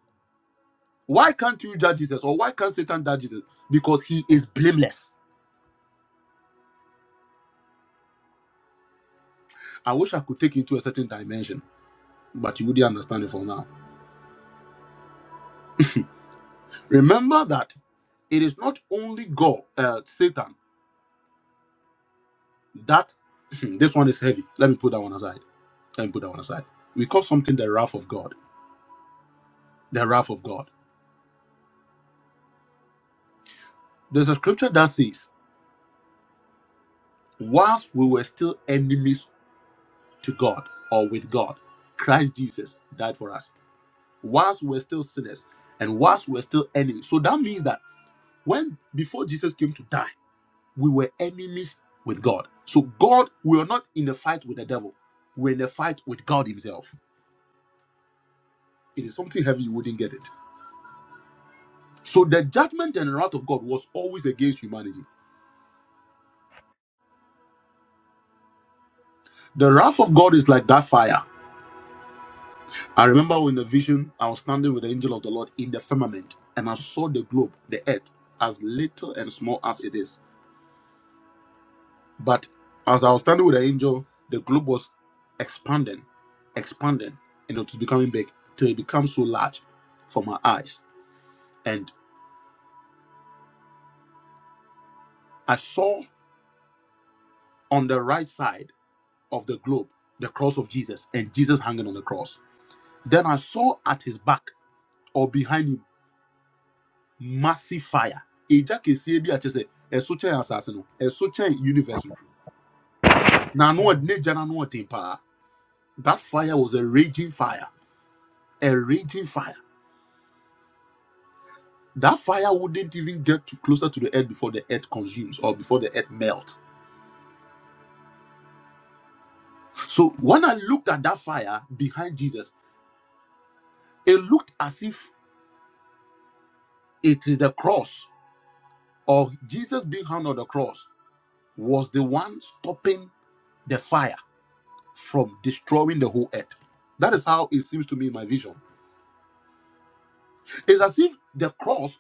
Why can't you judge Jesus? Or why can't Satan judge Jesus? Because he is blameless. I wish I could take you to a certain dimension, but you wouldn't understand it for now. Remember that it is not only God, uh, Satan, that this one is heavy. Let me put that one aside. Let me put that one aside. We call something the wrath of God. The wrath of God. There's a scripture that says, whilst we were still enemies to God or with God, Christ Jesus died for us. Whilst we were still sinners and whilst we were still enemies. So that means that when before Jesus came to die, we were enemies with God. So God, we are not in a fight with the devil. We're in a fight with God Himself. It is something heavy, you wouldn't get it. So the judgment and wrath of God was always against humanity. The wrath of God is like that fire. I remember in the vision, I was standing with the angel of the Lord in the firmament, and I saw the globe, the earth, as little and small as it is. But as I was standing with the angel, the globe was expanding, expanding, and it was becoming big till it became so large for my eyes. And I saw on the right side of the globe the cross of Jesus and Jesus hanging on the cross. Then I saw at his back or behind him massive fire agya kɛseɛ bi a chese." sɛ ɛso kyɛn asase no ɛso kyɛn universe no na ano ɔde-
Mm,
n'agya no ano that fire was a raging fire a raging fire that fire wouldn't even get to closer to the earth before the earth consumes or before the earth melts so when i looked at that fire behind jesus it looked as if it is the cross or jesus being hung on the cross was the one stopping the fire from destroying the whole earth that is how it seems to me in my vision It's as if the cross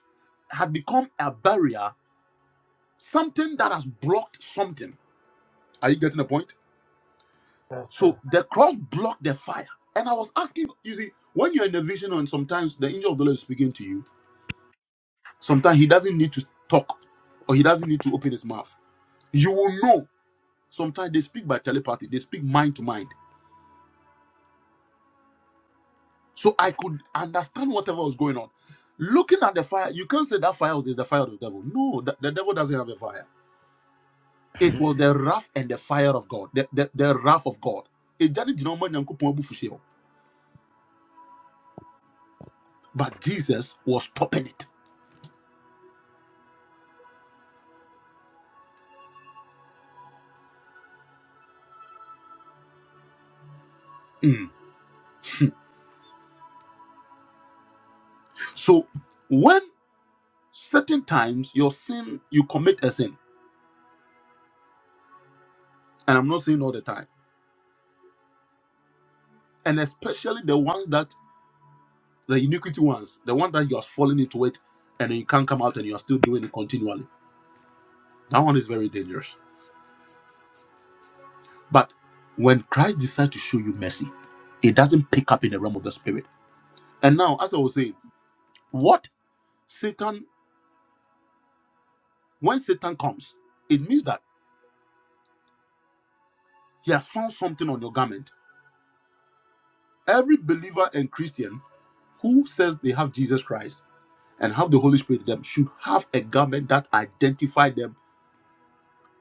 had become a barrier, something that has blocked something. Are you getting the point?
Yes,
So
sir.
the cross blocked the fire. And I was asking, you see, when you're in a vision and sometimes the angel of the Lord is speaking to you, sometimes he doesn't need to talk or he doesn't need to open his mouth. You will know. Sometimes they speak by telepathy, they speak mind to mind. So I could understand whatever was going on. Looking at the fire, you can't say that fire is the fire of the devil. No, the, the devil doesn't have a fire It was the wrath and the fire of God, the, the, the wrath of God. Ɛgya ne gyina wɔn Nyankopɔn abufuhyeɛ hɔ. But Jesus was stopping it. Mm. So when certain times your sin, you commit a sin, and I'm not saying all the time, and especially the ones that the iniquity ones, the one that you are falling into it and you can't come out and you are still doing it continually. That one is very dangerous. But when Christ decides to show you mercy, it doesn't pick up in the realm of the spirit. And now, as I was saying, what Satan When Satan comes, it means that he has found something on your garment. Every believer and Christian who says they have Jesus Christ and have the Holy Spirit in them should have a garment that identifies them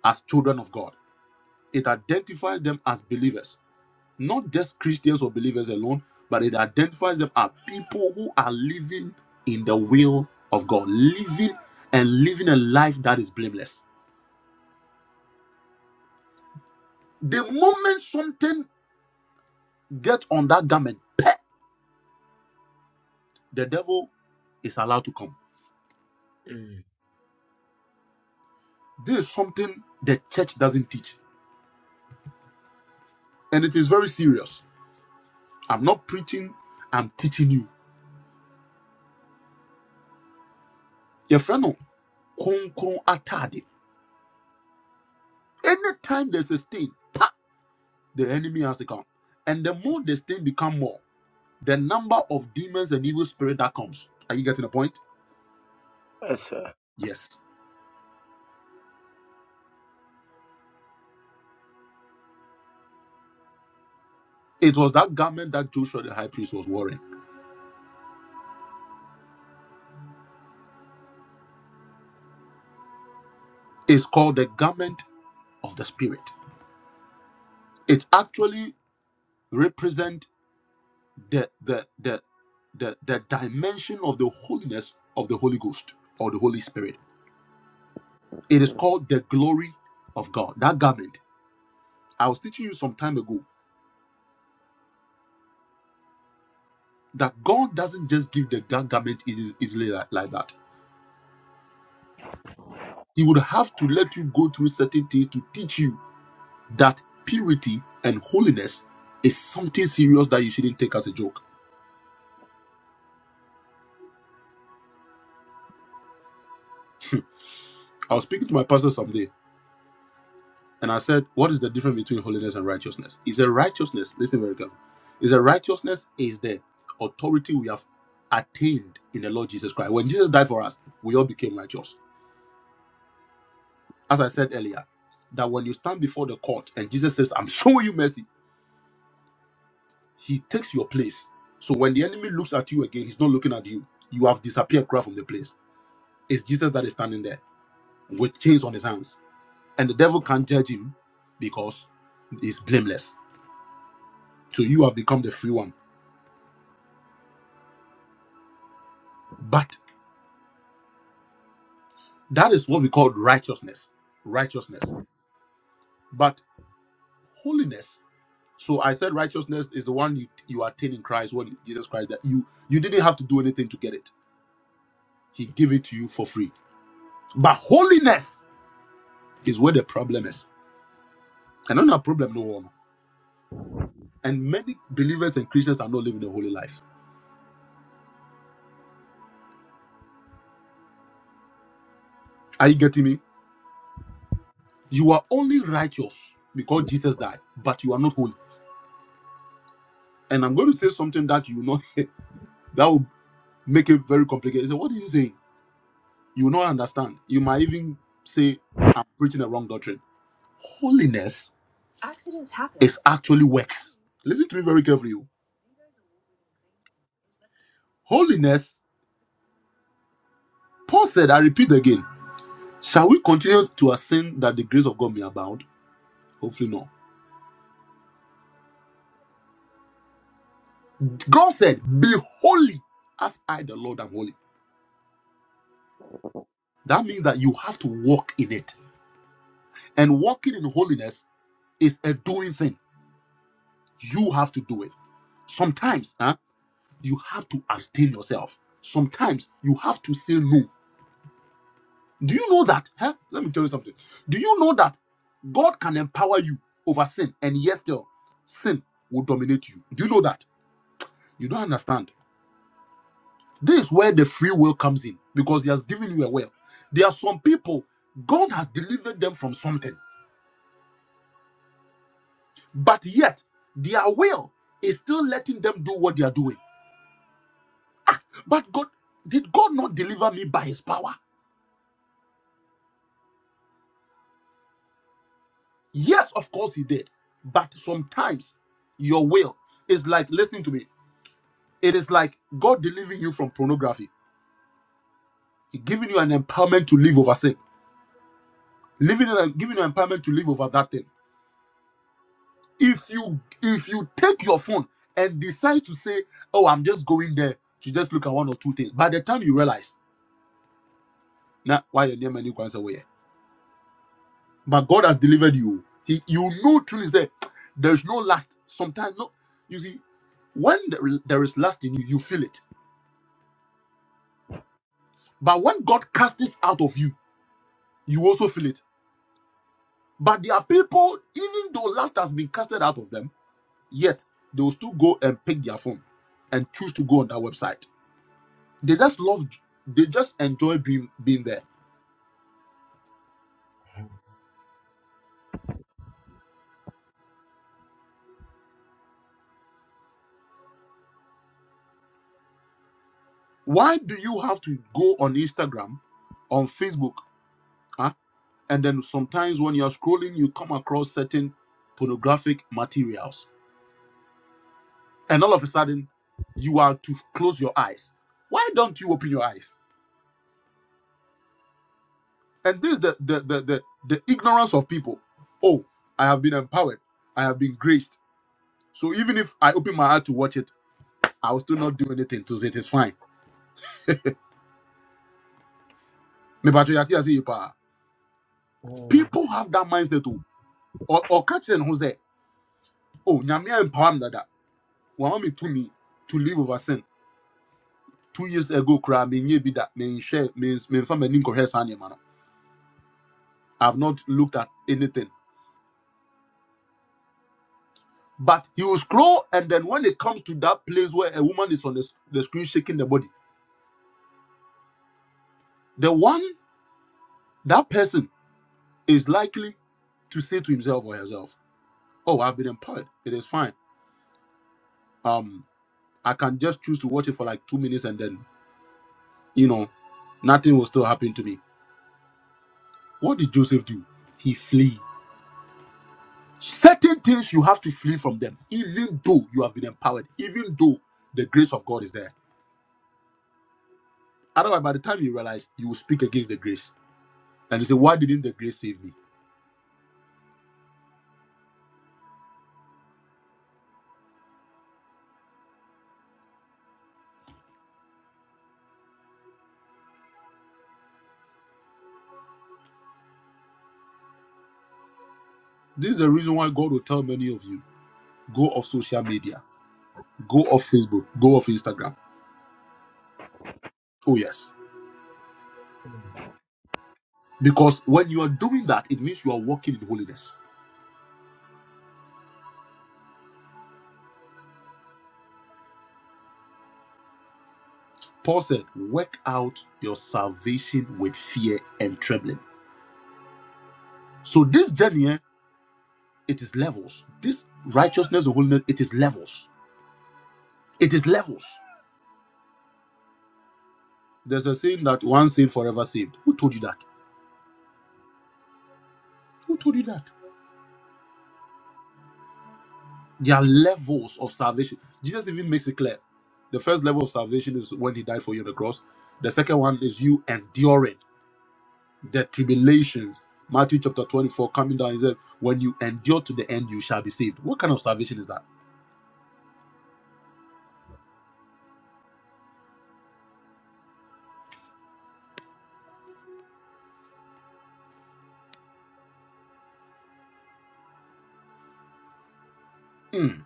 as children of God. It identifies them as believers, not just Christians or believers alone, but it identifies them as people who are living in the will of God, living and living a life that is blameless. The moment something gets on that garment, the devil is allowed to come. This is something the church doesn't teach, and it is very serious. I'm not preaching, I'm teaching you. Your friend, no, konkron atade. Anytime there's a stain, pa, the enemy has to come. And the more the stain become more, the number of demons and evil spirit that comes. Are you getting the point?
Yes, sir.
Yes. It was that garment that Joshua the high priest was wearing. It's called the garment of the spirit. It actually represents the the the the, the dimension of the holiness of the Holy Ghost or the Holy Spirit. It is called the glory of God. That garment. I was teaching you some time ago that God doesn't just give the gar- garment eas- easily like, like that. He would have to let you go through certain things to teach you that purity and holiness is something serious that you shouldn't take as a joke. I was speaking to my pastor someday And I said, What is the difference between holiness and righteousness? Is a righteousness, listen very carefully, is a righteousness is the authority we have attained in the Lord Jesus Christ. When Jesus died for us, we all became righteous. As I said earlier, that when you stand before the court and Jesus says, I'm showing you mercy, he takes your place. So when the enemy looks at you again, he's not looking at you. You have disappeared cry from the place. It's Jesus that is standing there with chains on his hands. And the devil can't judge him because he's blameless. So you have become the free one But that is what we call righteousness. Righteousness. But holiness. So I said righteousness is the one you, you attain in Christ, when Jesus Christ that you you didn't have to do anything to get it. He gave it to you for free. But holiness is where the problem is. And not a problem, no one. And many believers and Christians are not living a holy life. Are you getting me? You are only righteous because Jesus died, but you are not holy. And I'm going to say something that you will not that will make it very complicated. So what is he saying? You will not understand. You might even say, I'm preaching a wrong doctrine. Holiness is actually works. Listen to me very carefully. oh. Holiness, Paul said, I repeat again, shall we continue to sin that the grace of God may abound? Hopefully, no. God said, Be holy as I, the Lord, am holy. That means that you have to walk in it. And walking in holiness is a doing thing. You have to do it. Sometimes huh, you have to abstain yourself. Sometimes you have to say no Do you know that? Huh? Let me tell you something. Do you know that God can empower you over sin, and yet still sin will dominate you? Do you know that? You don't understand. This is where the free will comes in because He has given you a will. There are some people God has delivered them from something, but yet their will is still letting them do what they are doing. But God, did God not deliver me by His power? Yes, of course He did. But sometimes your will is like, listen to me. It is like God delivering you from pornography, He giving you an empowerment to live over sin, living in- a, giving you empowerment to live over that thing. If you if you take your phone and decide to say, "Oh, I'm just going there to just look at one or two things," by the time you realize, now why your name and you can say, "Where?" But God has delivered you. He you know truly say, "There's no last." Sometimes no, you see, when there is there is lust in you, you feel it. But when God casts this out of you, you also feel it But there are people, even though lust has been casted out of them, yet they will still go and pick their phone and choose to go on that website. They just love, they just enjoy being being there. Why do you have to go on Instagram, on Facebook, huh? and then sometimes when you're scrolling, you come across certain pornographic materials, and all of a sudden, you are to close your eyes. Why don't you open your eyes? And this is the the, the the the ignorance of people. Oh, I have been empowered. I have been graced. So even if I open my heart to watch it, I will still not do anything to it. It's fine. Me pa cho yate ase yi pa.
Mm,
People have that mindset too. Or or catch them who's there. Oh, nyame empower me that. Want me to me to live over sin. Two years ago, cry me nye bi that me share me me family nko hair sanye man. I've not looked at anything. But he will scroll, and then when it comes to that place where a woman is on the, the screen shaking the body, the one that person is likely to say to himself or herself, "Oh, I've been empowered. It is fine. Um, I can just choose to watch it for like two minutes, and then you know, nothing will still happen to me." What did Joseph do? He flee. Certain things you have to flee from them, even though you have been empowered, even though the grace of God is there. Otherwise, by the time you realize, you will speak against the grace, and you say, "Why didn't the grace save me?" This is the reason why God will tell many of you, "Go off social media, go off Facebook, go off Instagram." Oh yes Because when you are doing that, it means you are walking in holiness. Paul said, Work out your salvation with fear and trembling. So this journey, eh, it is levels. This righteousness or holiness, it is levels. It is levels. There's a saying that one saved, forever saved. Who told you that? Who told you that? There are levels of salvation. Jesus even makes it clear. The first level of salvation is when he died for you on the cross. The second one is you enduring. the tribulations. Matthew chapter 24, coming down, he says, When you endure to the end, you shall be saved. What kind of salvation is that? Hmm.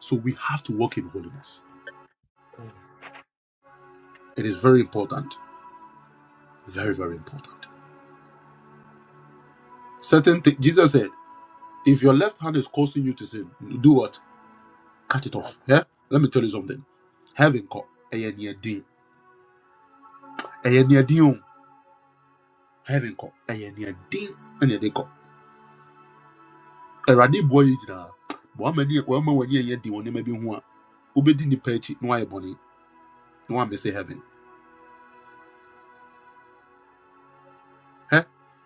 So we have to walk in holiness.
mm.
It is very important. Very, very important. Certain things, Jesus said, If your left hand is causing you to sin, do what? Cut it
I
off. Yeah? Let me tell you something. Heaven call. Ɛyɛ nea Heaven call. Ɛyɛ nea din. Ɛna ɛde kɔ. Awurade boɔ yi nyinaa, ma w'ani- ma w'ani ɛnyɛ den wɔ nneɛma bi ho a, wobɛdi nnipa akyi na woayɛ You want me to say heaven? Eh?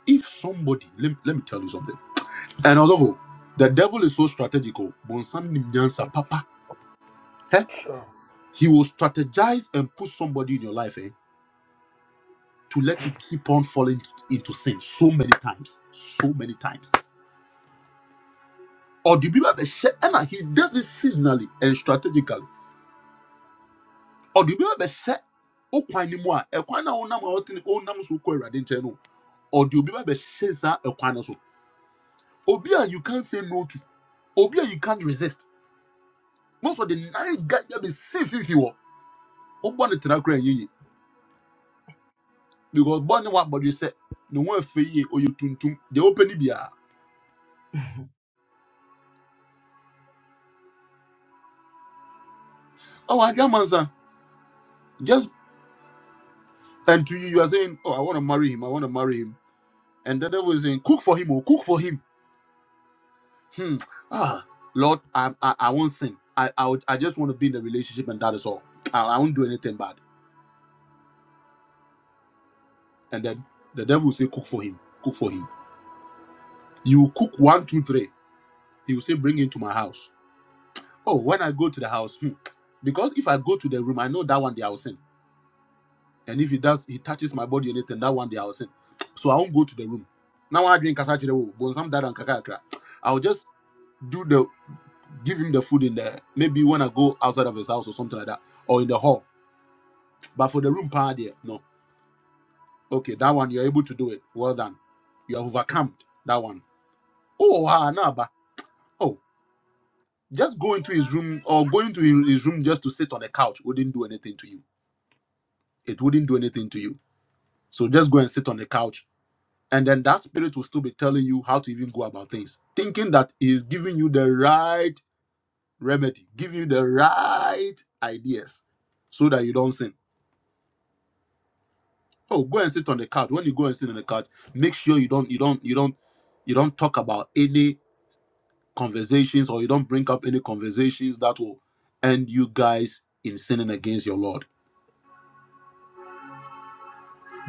If somebody, let, let me tell you something. And also, the devil is so strategical. Bonsam ni mnyansa,
think
Papa. Eh?
so.
He will strategize and put somebody in your life eh, to let you keep on falling into sin so many times. So many times. Or do you remember the share? and he does it seasonally and strategically. Or do you remember okwan ni mu a ɛkwan na wonam a wotene wonam so kɔ awurade nkyɛn no ɔde obi ba bɛhyɛ saa ɛkwan no so obi a you can not say no to obi a you can't resist most of the nice guy that be safe if you open it na kra yiye because born wa but you say no one fe ye or you tuntum they open it there oh i got man sir just and to you you are saying oh i want to marry him i want to marry him and the devil is saying cook for him or cook for him hmm ah lord i i, I won't sin i I, would, I just want to be in a relationship and that is all I, I won't do anything bad and then the devil will say cook for him cook for him you cook one two three he will say bring him to my house Oh, when I go to the house, hmm, because if I go to the room, I know that one day I will sin. And if he does, he touches my body or anything, that one day I will sin. So I won't go to the room. Now I drink kasachire but some dad and kaka kakakra. I'll just do the give him the food in there. Maybe when I go outside of his house or something like that, or in the hall. But for the room part there, no. Okay, that one you're able to do it. Well done. You have overcome that one. Oh, ah, nah, but oh, just go into his room or go into his room just to sit on the couch wouldn't do anything to you. It wouldn't do anything to you So just go and sit on the couch. And then that spirit will still be telling you how to even go about things, thinking that he is giving you the right remedy, giving you the right ideas so that you don't sin. Oh, go and sit on the couch. When you go and sit on the couch, make sure you don't you don't you don't you don't talk about any conversations or you don't bring up any conversations that will end you guys in sinning against your Lord.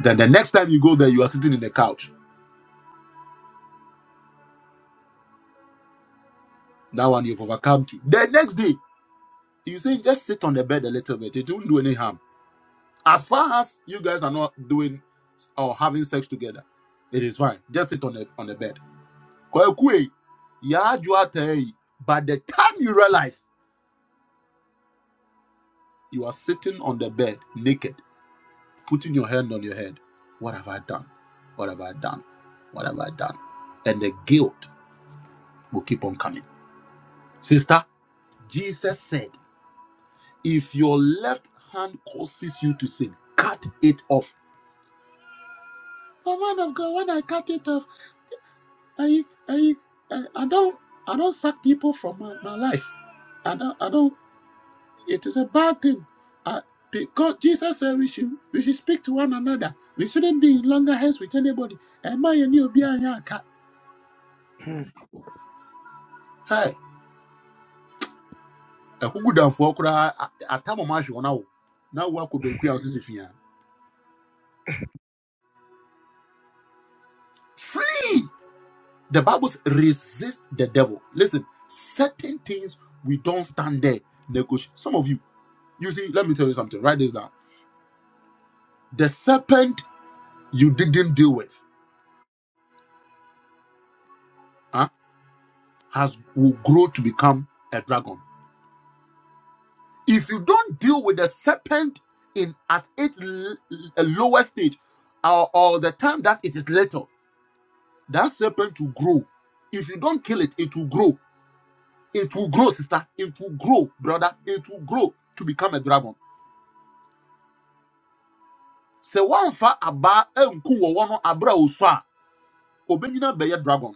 Then the next time you go there, you are sitting in the couch. That one you've overcome to. The next day, You say just sit on the bed a little bit. It won't do any harm. As far as you guys are not doing or having sex together, it is fine. Just sit on the on the bed. Kwekwe, ya jua tei. By the time you realize you are sitting on the bed naked, putting your hand on your head, what have I done? What have I done? What have I done? And the guilt will keep on coming. Sister, Jesus said, if your left hand causes you to sin, cut it off But man of God, when I cut it off, I I I, I don't I don't sack people from my, my life. I don't I don't it is a bad thing. I, because Jesus said we should we should speak to one another. We shouldn't be in longer hands with anybody. And my and you be a
Mm,
Hey, a who good down for Kura at Tamamash on now. Now work could don't create Flee! The Bible says resist the devil. Listen, certain things we don't stand there. Negotiate. Some of you. You see, let me tell you something. Write this down. The serpent you didn't deal with huh, has will grow to become a dragon. If you don't deal with the serpent in at its l- l- lower stage, or, or the time that it is little, that serpent will grow. If you don't kill it, it will grow. It will grow, sister. It will grow, brother. It will grow to become a dragon. Sɛ wɔamfa abaa anku wɔ wɔn abere a wosɔ obenyina bɛyɛ dragon.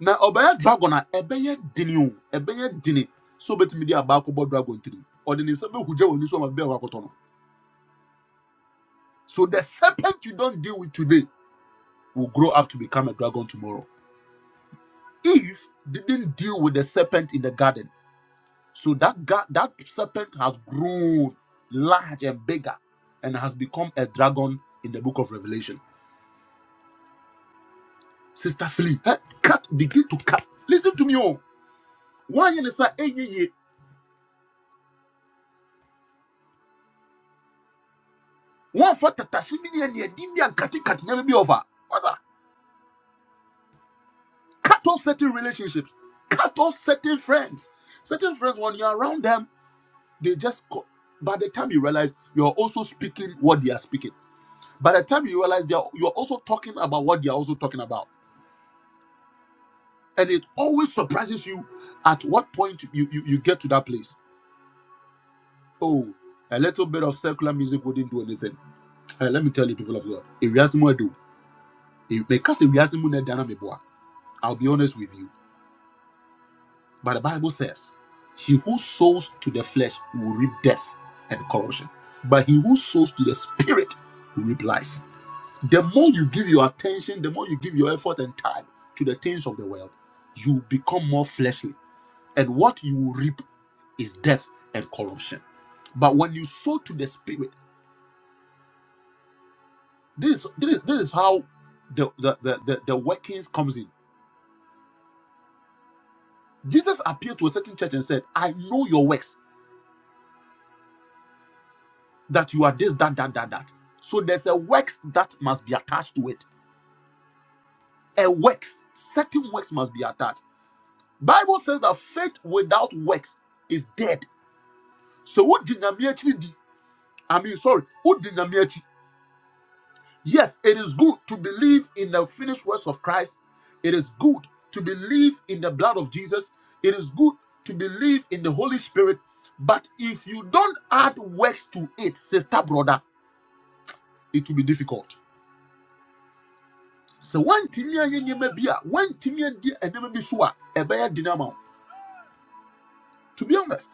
na ɔbɛyɛ dragon a ɛbɛyɛ dini o ɛbɛyɛ dini so obetumi de aba akɔbɔ dragon tirim ɔde ne nsa bɛhugya wɔ ni so ɔma bɛyɛ wakɔtɔ no so the serpent you don't deal with today will grow up to become a dragon tomorrow eve didn't deal with the serpent in the garden so that ga- that serpent has grown large and bigger and has become a dragon in the book of revelation sister Philly, eh, cut begin to cut listen to me oh why you say "Hey, yeah, yeah." One wɔmfa tatahye bi ne aniadim bi ankatekate nneɛma bi ɔfa wasa cut off certain relationships cut off certain friends certain friends when you're around them they just co- by the time you realize you're also speaking what they are speaking by the time you realize they're you're also talking about what they're also talking about and it always surprises you at what point you, you you get to that place oh a little bit of secular music wouldn't do anything Eh, let me tell you people of god if you ask me what I do if me cast if you ask me what I do, i'll be honest with you But the Bible says, He who sows to the flesh will reap death and corruption. But he who sows to the spirit will reap life. The more you give your attention, the more you give your effort and time to the things of the world, you become more fleshly. And what you will reap is death and corruption. But when you sow to the spirit, this this, this is how the the, the the the workings comes in. Jesus appealed to a certain church and said, I know your works. that you are this, that, that, that, that. So there's a works that must be attached to it. A works, certain works must be attached. Bible says that faith without works is dead. So what dynamically I mean, sorry, what dynamically? Yes, it is good to believe in the finished works of Christ. It is good to believe in the blood of Jesus. It is good to believe in the Holy Spirit. But if you don't add works to it, sister, brother, it will be difficult So woantumi Timian ye bi a woantumi Timian nneɛma bi so a ɛbɛyɛ den ama wo to be honest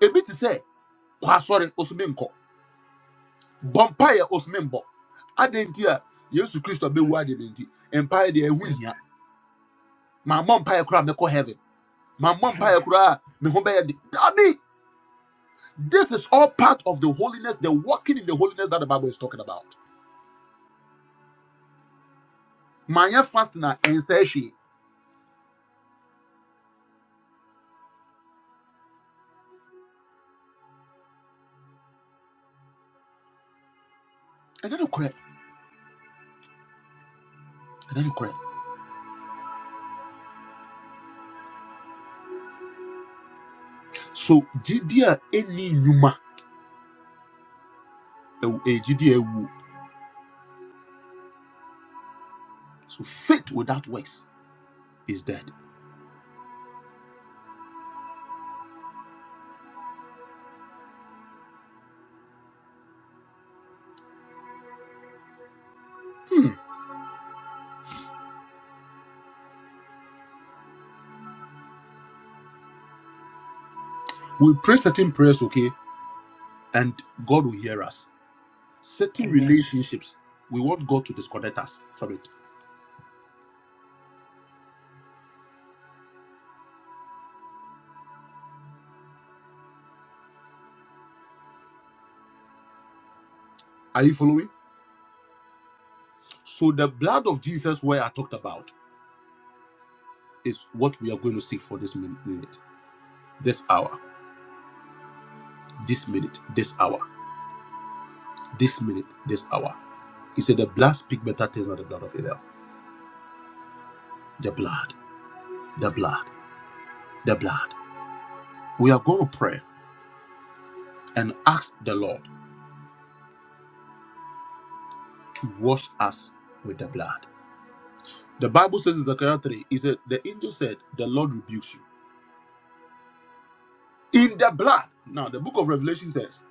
ebi te sɛ kɔ asɔre osome nkɔ bɔ mpaeɛ osome mbɔ adɛn nti a yesu kristo
mm,
bɛwu
mm,
adeɛ empire nti mpaeɛ deɛ
mm,
ɛho hia mammɔ mpaeɛ koraa mɛkɔ heaven My mom koraa
mm.
a me ho bɛyɛ de this is all part of the holiness the walking in the holiness that the bible is talking about My fast na ɛnsɛ hwee ɛnyɛ no korɛ ɛnyɛ no korɛ so gyidi a ɛnni nnwuma ɛwɔ- ɛyɛ gyidi a woo. So faith without works is dead. Hmm. We pray certain prayers, okay, and God will hear us. Certain
Amen.
relationships, we want God to disconnect us from it. Are you following? So the blood of Jesus, where I talked about, is what we are going to see for this minute, this hour, this minute, this hour, this minute, this hour. He said the blood speak better things than the blood of Abel. The blood, the blood, the blood. We are going to pray and ask the Lord to wash us with the blood. The Bible says in Zechariah 3, it said, The angel said, The Lord rebukes you. In the blood. Now, the book of Revelation says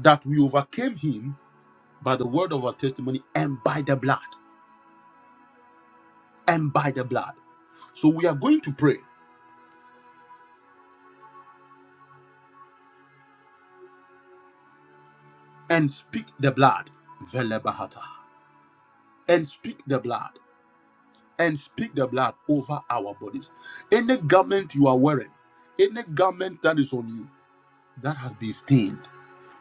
that we overcame him by the word of our testimony and by the blood. And by the blood. So we are going to pray and speak the blood. Velebahata. And speak the blood. And speak the blood over our bodies. Any garment you are wearing, any garment that is on you that has been stained,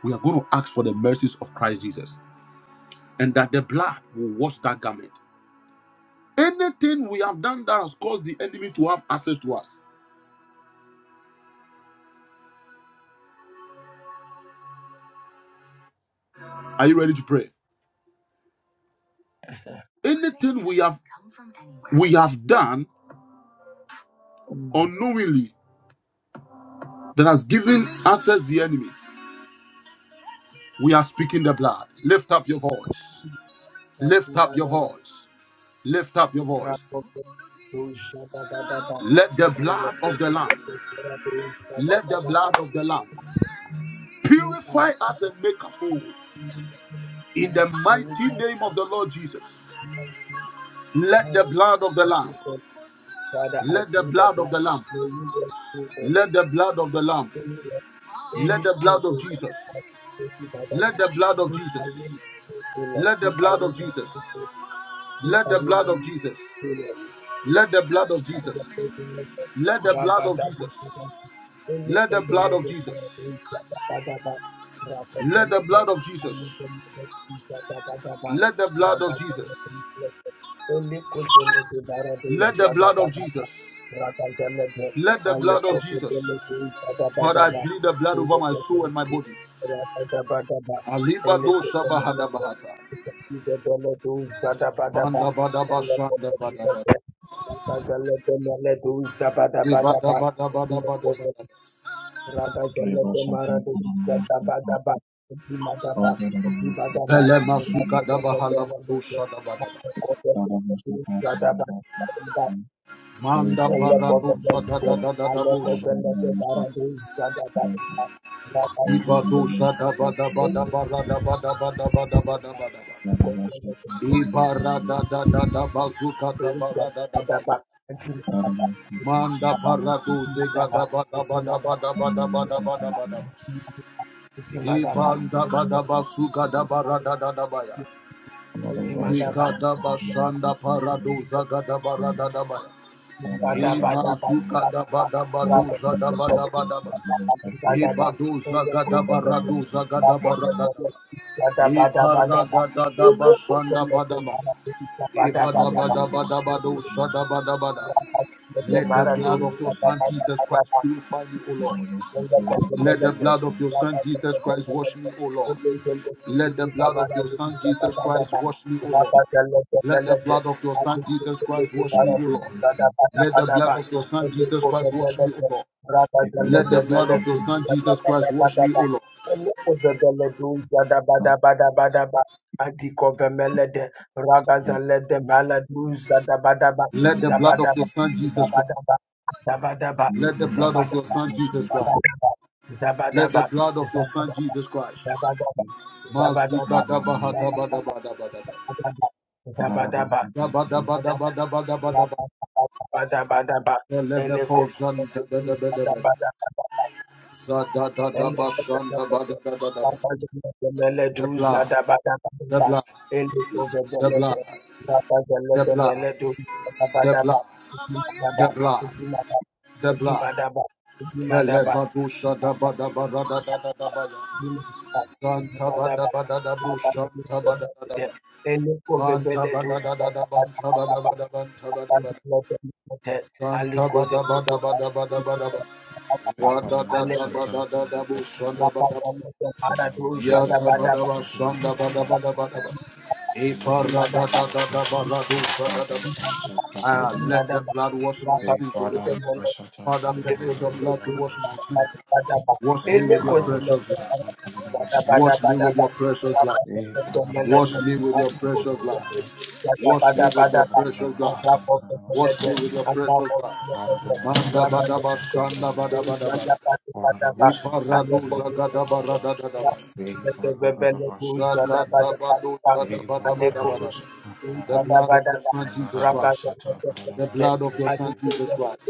we are going to ask for the mercies of Christ Jesus. and that the blood will wash that garment. Anything we have done that has caused the enemy to have access to us. Are you ready to pray? Anything we have we have done
Mm.
unknowingly that has given access the enemy. We are speaking the blood. Lift up your voice.
Thank
Lift
you,
up your
Father.
voice. Lift up your voice.
Rapopo, Dusha, da, da, da, da.
Let the
And let
blood of
it
the
be,
Lamb,
let it be, let it be, da, da,
let
da,
the
da, da.
blood of the Lamb
We are,
purify
uh,
us and make us whole.
we
In the
are,
mighty name of the Lord Jesus, let
uh,
the
every
blood of the Lamb,
time, uh, Father, I
let the
plead the
blood of
blood.
the Lamb
May you rescue, O
Let
Lord.
the blood of the Lamb,
Any any
let the
stain,
blood
O
of
Lord,
Jesus,
taken by the
let
blood.
the blood of
Take away,
Jesus,
O Lord.
let the
Take
blood
away
of
my
Jesus,
sins. Take
let the
away my
blood of Jesus,
iniquity, I Lord.
let the blood of Jesus, let the blood
Father,
of
the presence of Rabada,
Jesus,
Rabada, only
let
for
the
the
blood of
Lord of my
Jesus,
own, Dabba, dabba. Rabba, the
let the
Rabada, Rabada,
blood of
I
Jesus,
need the Lord of Jesus, Rabada,
let the blood
Rabada,
of Jesus,
Rabada,
let the blood of Jesus, let the blood of Jesus. Father, I plead the blood over my soul and my body. Alibado Shabahadabahata. Manda bada bashanda bada bada. Bada Bada Bada Bada
Thank
Bada
Thank you.
Ragajalete marade ishatabadaba, Zimadaba, Zibadaba,
Elemasika da
Ragajalete melete,
bahalabadosha da badaba.
Akokote, Ishadaba, Ishadaba,
Manda paradosha da
Elekovelelide,
da da da da bosha.
Alekozelete barade ishadabadaba, Rakati,
Iba da ba da ba da ba ra da ba da ba da
Ishadabadaba,
ba da ba da ba da ba.
Akozelete,
Iba ra da da da da bazuka da ba ra da da ba.
Ishadabadaba,
Manda paradosha ga
Zimadaba,
da ba da ba da ba
Zimadaba,
da ba da ba da ba da ba da Iba
Zimadaba,
da ba da bazuka da ba da da da ba ya.
Zimadaba, Zimadaba,
Zika da ba shanda paradosha ga da bara da da ba ya.
Thank
Imazuka daba daba doza daba daba daba. Iba doza
Father,
gada
we
bara doza gada bara daba. Ikara gada daba sanda badaba. Iba daba daba daba doza daba daba daba. Let the blood of your son Jesus Christ
you.
purify me, O Lord. Let the
Adikovemelede,
blood of your son Jesus
ragazelede
Christ wash me, O Lord. Let the blood of your son Jesus Christ wash me, O Lord. Let the blood of your son Jesus Christ wash me, O Lord. Let the blood of your son Jesus Christ wash me, O Lord. Let the blood of
maladu
your son Jesus Christ wash me, O Lord.
zadabadaba,
Let the blood of
zabadaba,
your son Jesus Christ.
zabadaba, zabadaba,
Let the blood of
zabadaba.
your son Jesus Christ.
Zabadaba,
Let the
Zabadaba,
blood of your son Jesus Christ.
Zabadaba, Zabadaba,
Mazika da bahata ba
Zabadaba,
da ba da ba da
Zabadaba, Zabadaba, Eleko, Zabadaba, Zabadaba, Zabadaba, Eleko,
The blood,
Zabadaba, Zabadaba,
the blood, the blood, the blood, the blood, the
Zabadaba,
blood,
Zabadaba,
the blood.
Zabadaba, Zabadaba,
The
Zabadaba,
levadusha da
Thank
Santa bada bada da bu Santa bada bada ba. Manta bada bada. da banta bada bada banta bada bada. Santa bada bada bada bada bada ba. Rada da da da da da da bu shanda bada bada.
plead the
Yata
blood,
bada
the
ba
blood, the blood,
shanda bada bada
the
bada ba.
blood, and the ones
Ipara
who are
da da da da ba
you.
offenses,
ra do sha da da ba.
our
Ah,
Father,
Failure
and
let the blood wash my
Hey,
sins, O
Father,
Lord.
the Bashata,
Father,
Kadeva,
permit your blood to
Vadavada
wash my
Bashate.
sins. Wash
Hey,
me with your
Father, the
causes
precious blood.
Bashata, Kadeva
Bada
Bashata,
bada,
Wash me
bada
Kadeva.
with your
bada,
precious blood.
bada
Hey, Father, the
Wash me
Bashata,
with your
the
precious blood.
Bashata.
Wash
Hey,
me with your
Father, the
precious blood.
Bashata, Kadeva
Wash me with your
Bashata.
precious blood.
Father, the
Manda bada
Bashata,
bashanda
Kadeva
bada
Bashata.
bada bada.
Father, the Bashata, the
Iparaduza gada bara
Bashata.
da da da ba.
Hey, Father, the Bashata, Kadeva.
Zakata baduza da
Hey,
bada
Father,
bada,
the
bada bada.
Bashata,
bada
The
bada,
Kadeva.
bada
blood of your
bada,
son Jesus
Andara
Raga
Christ.
Bashata, the
The blood of
Bashata,
your son
Kadeva.
Jesus Christ.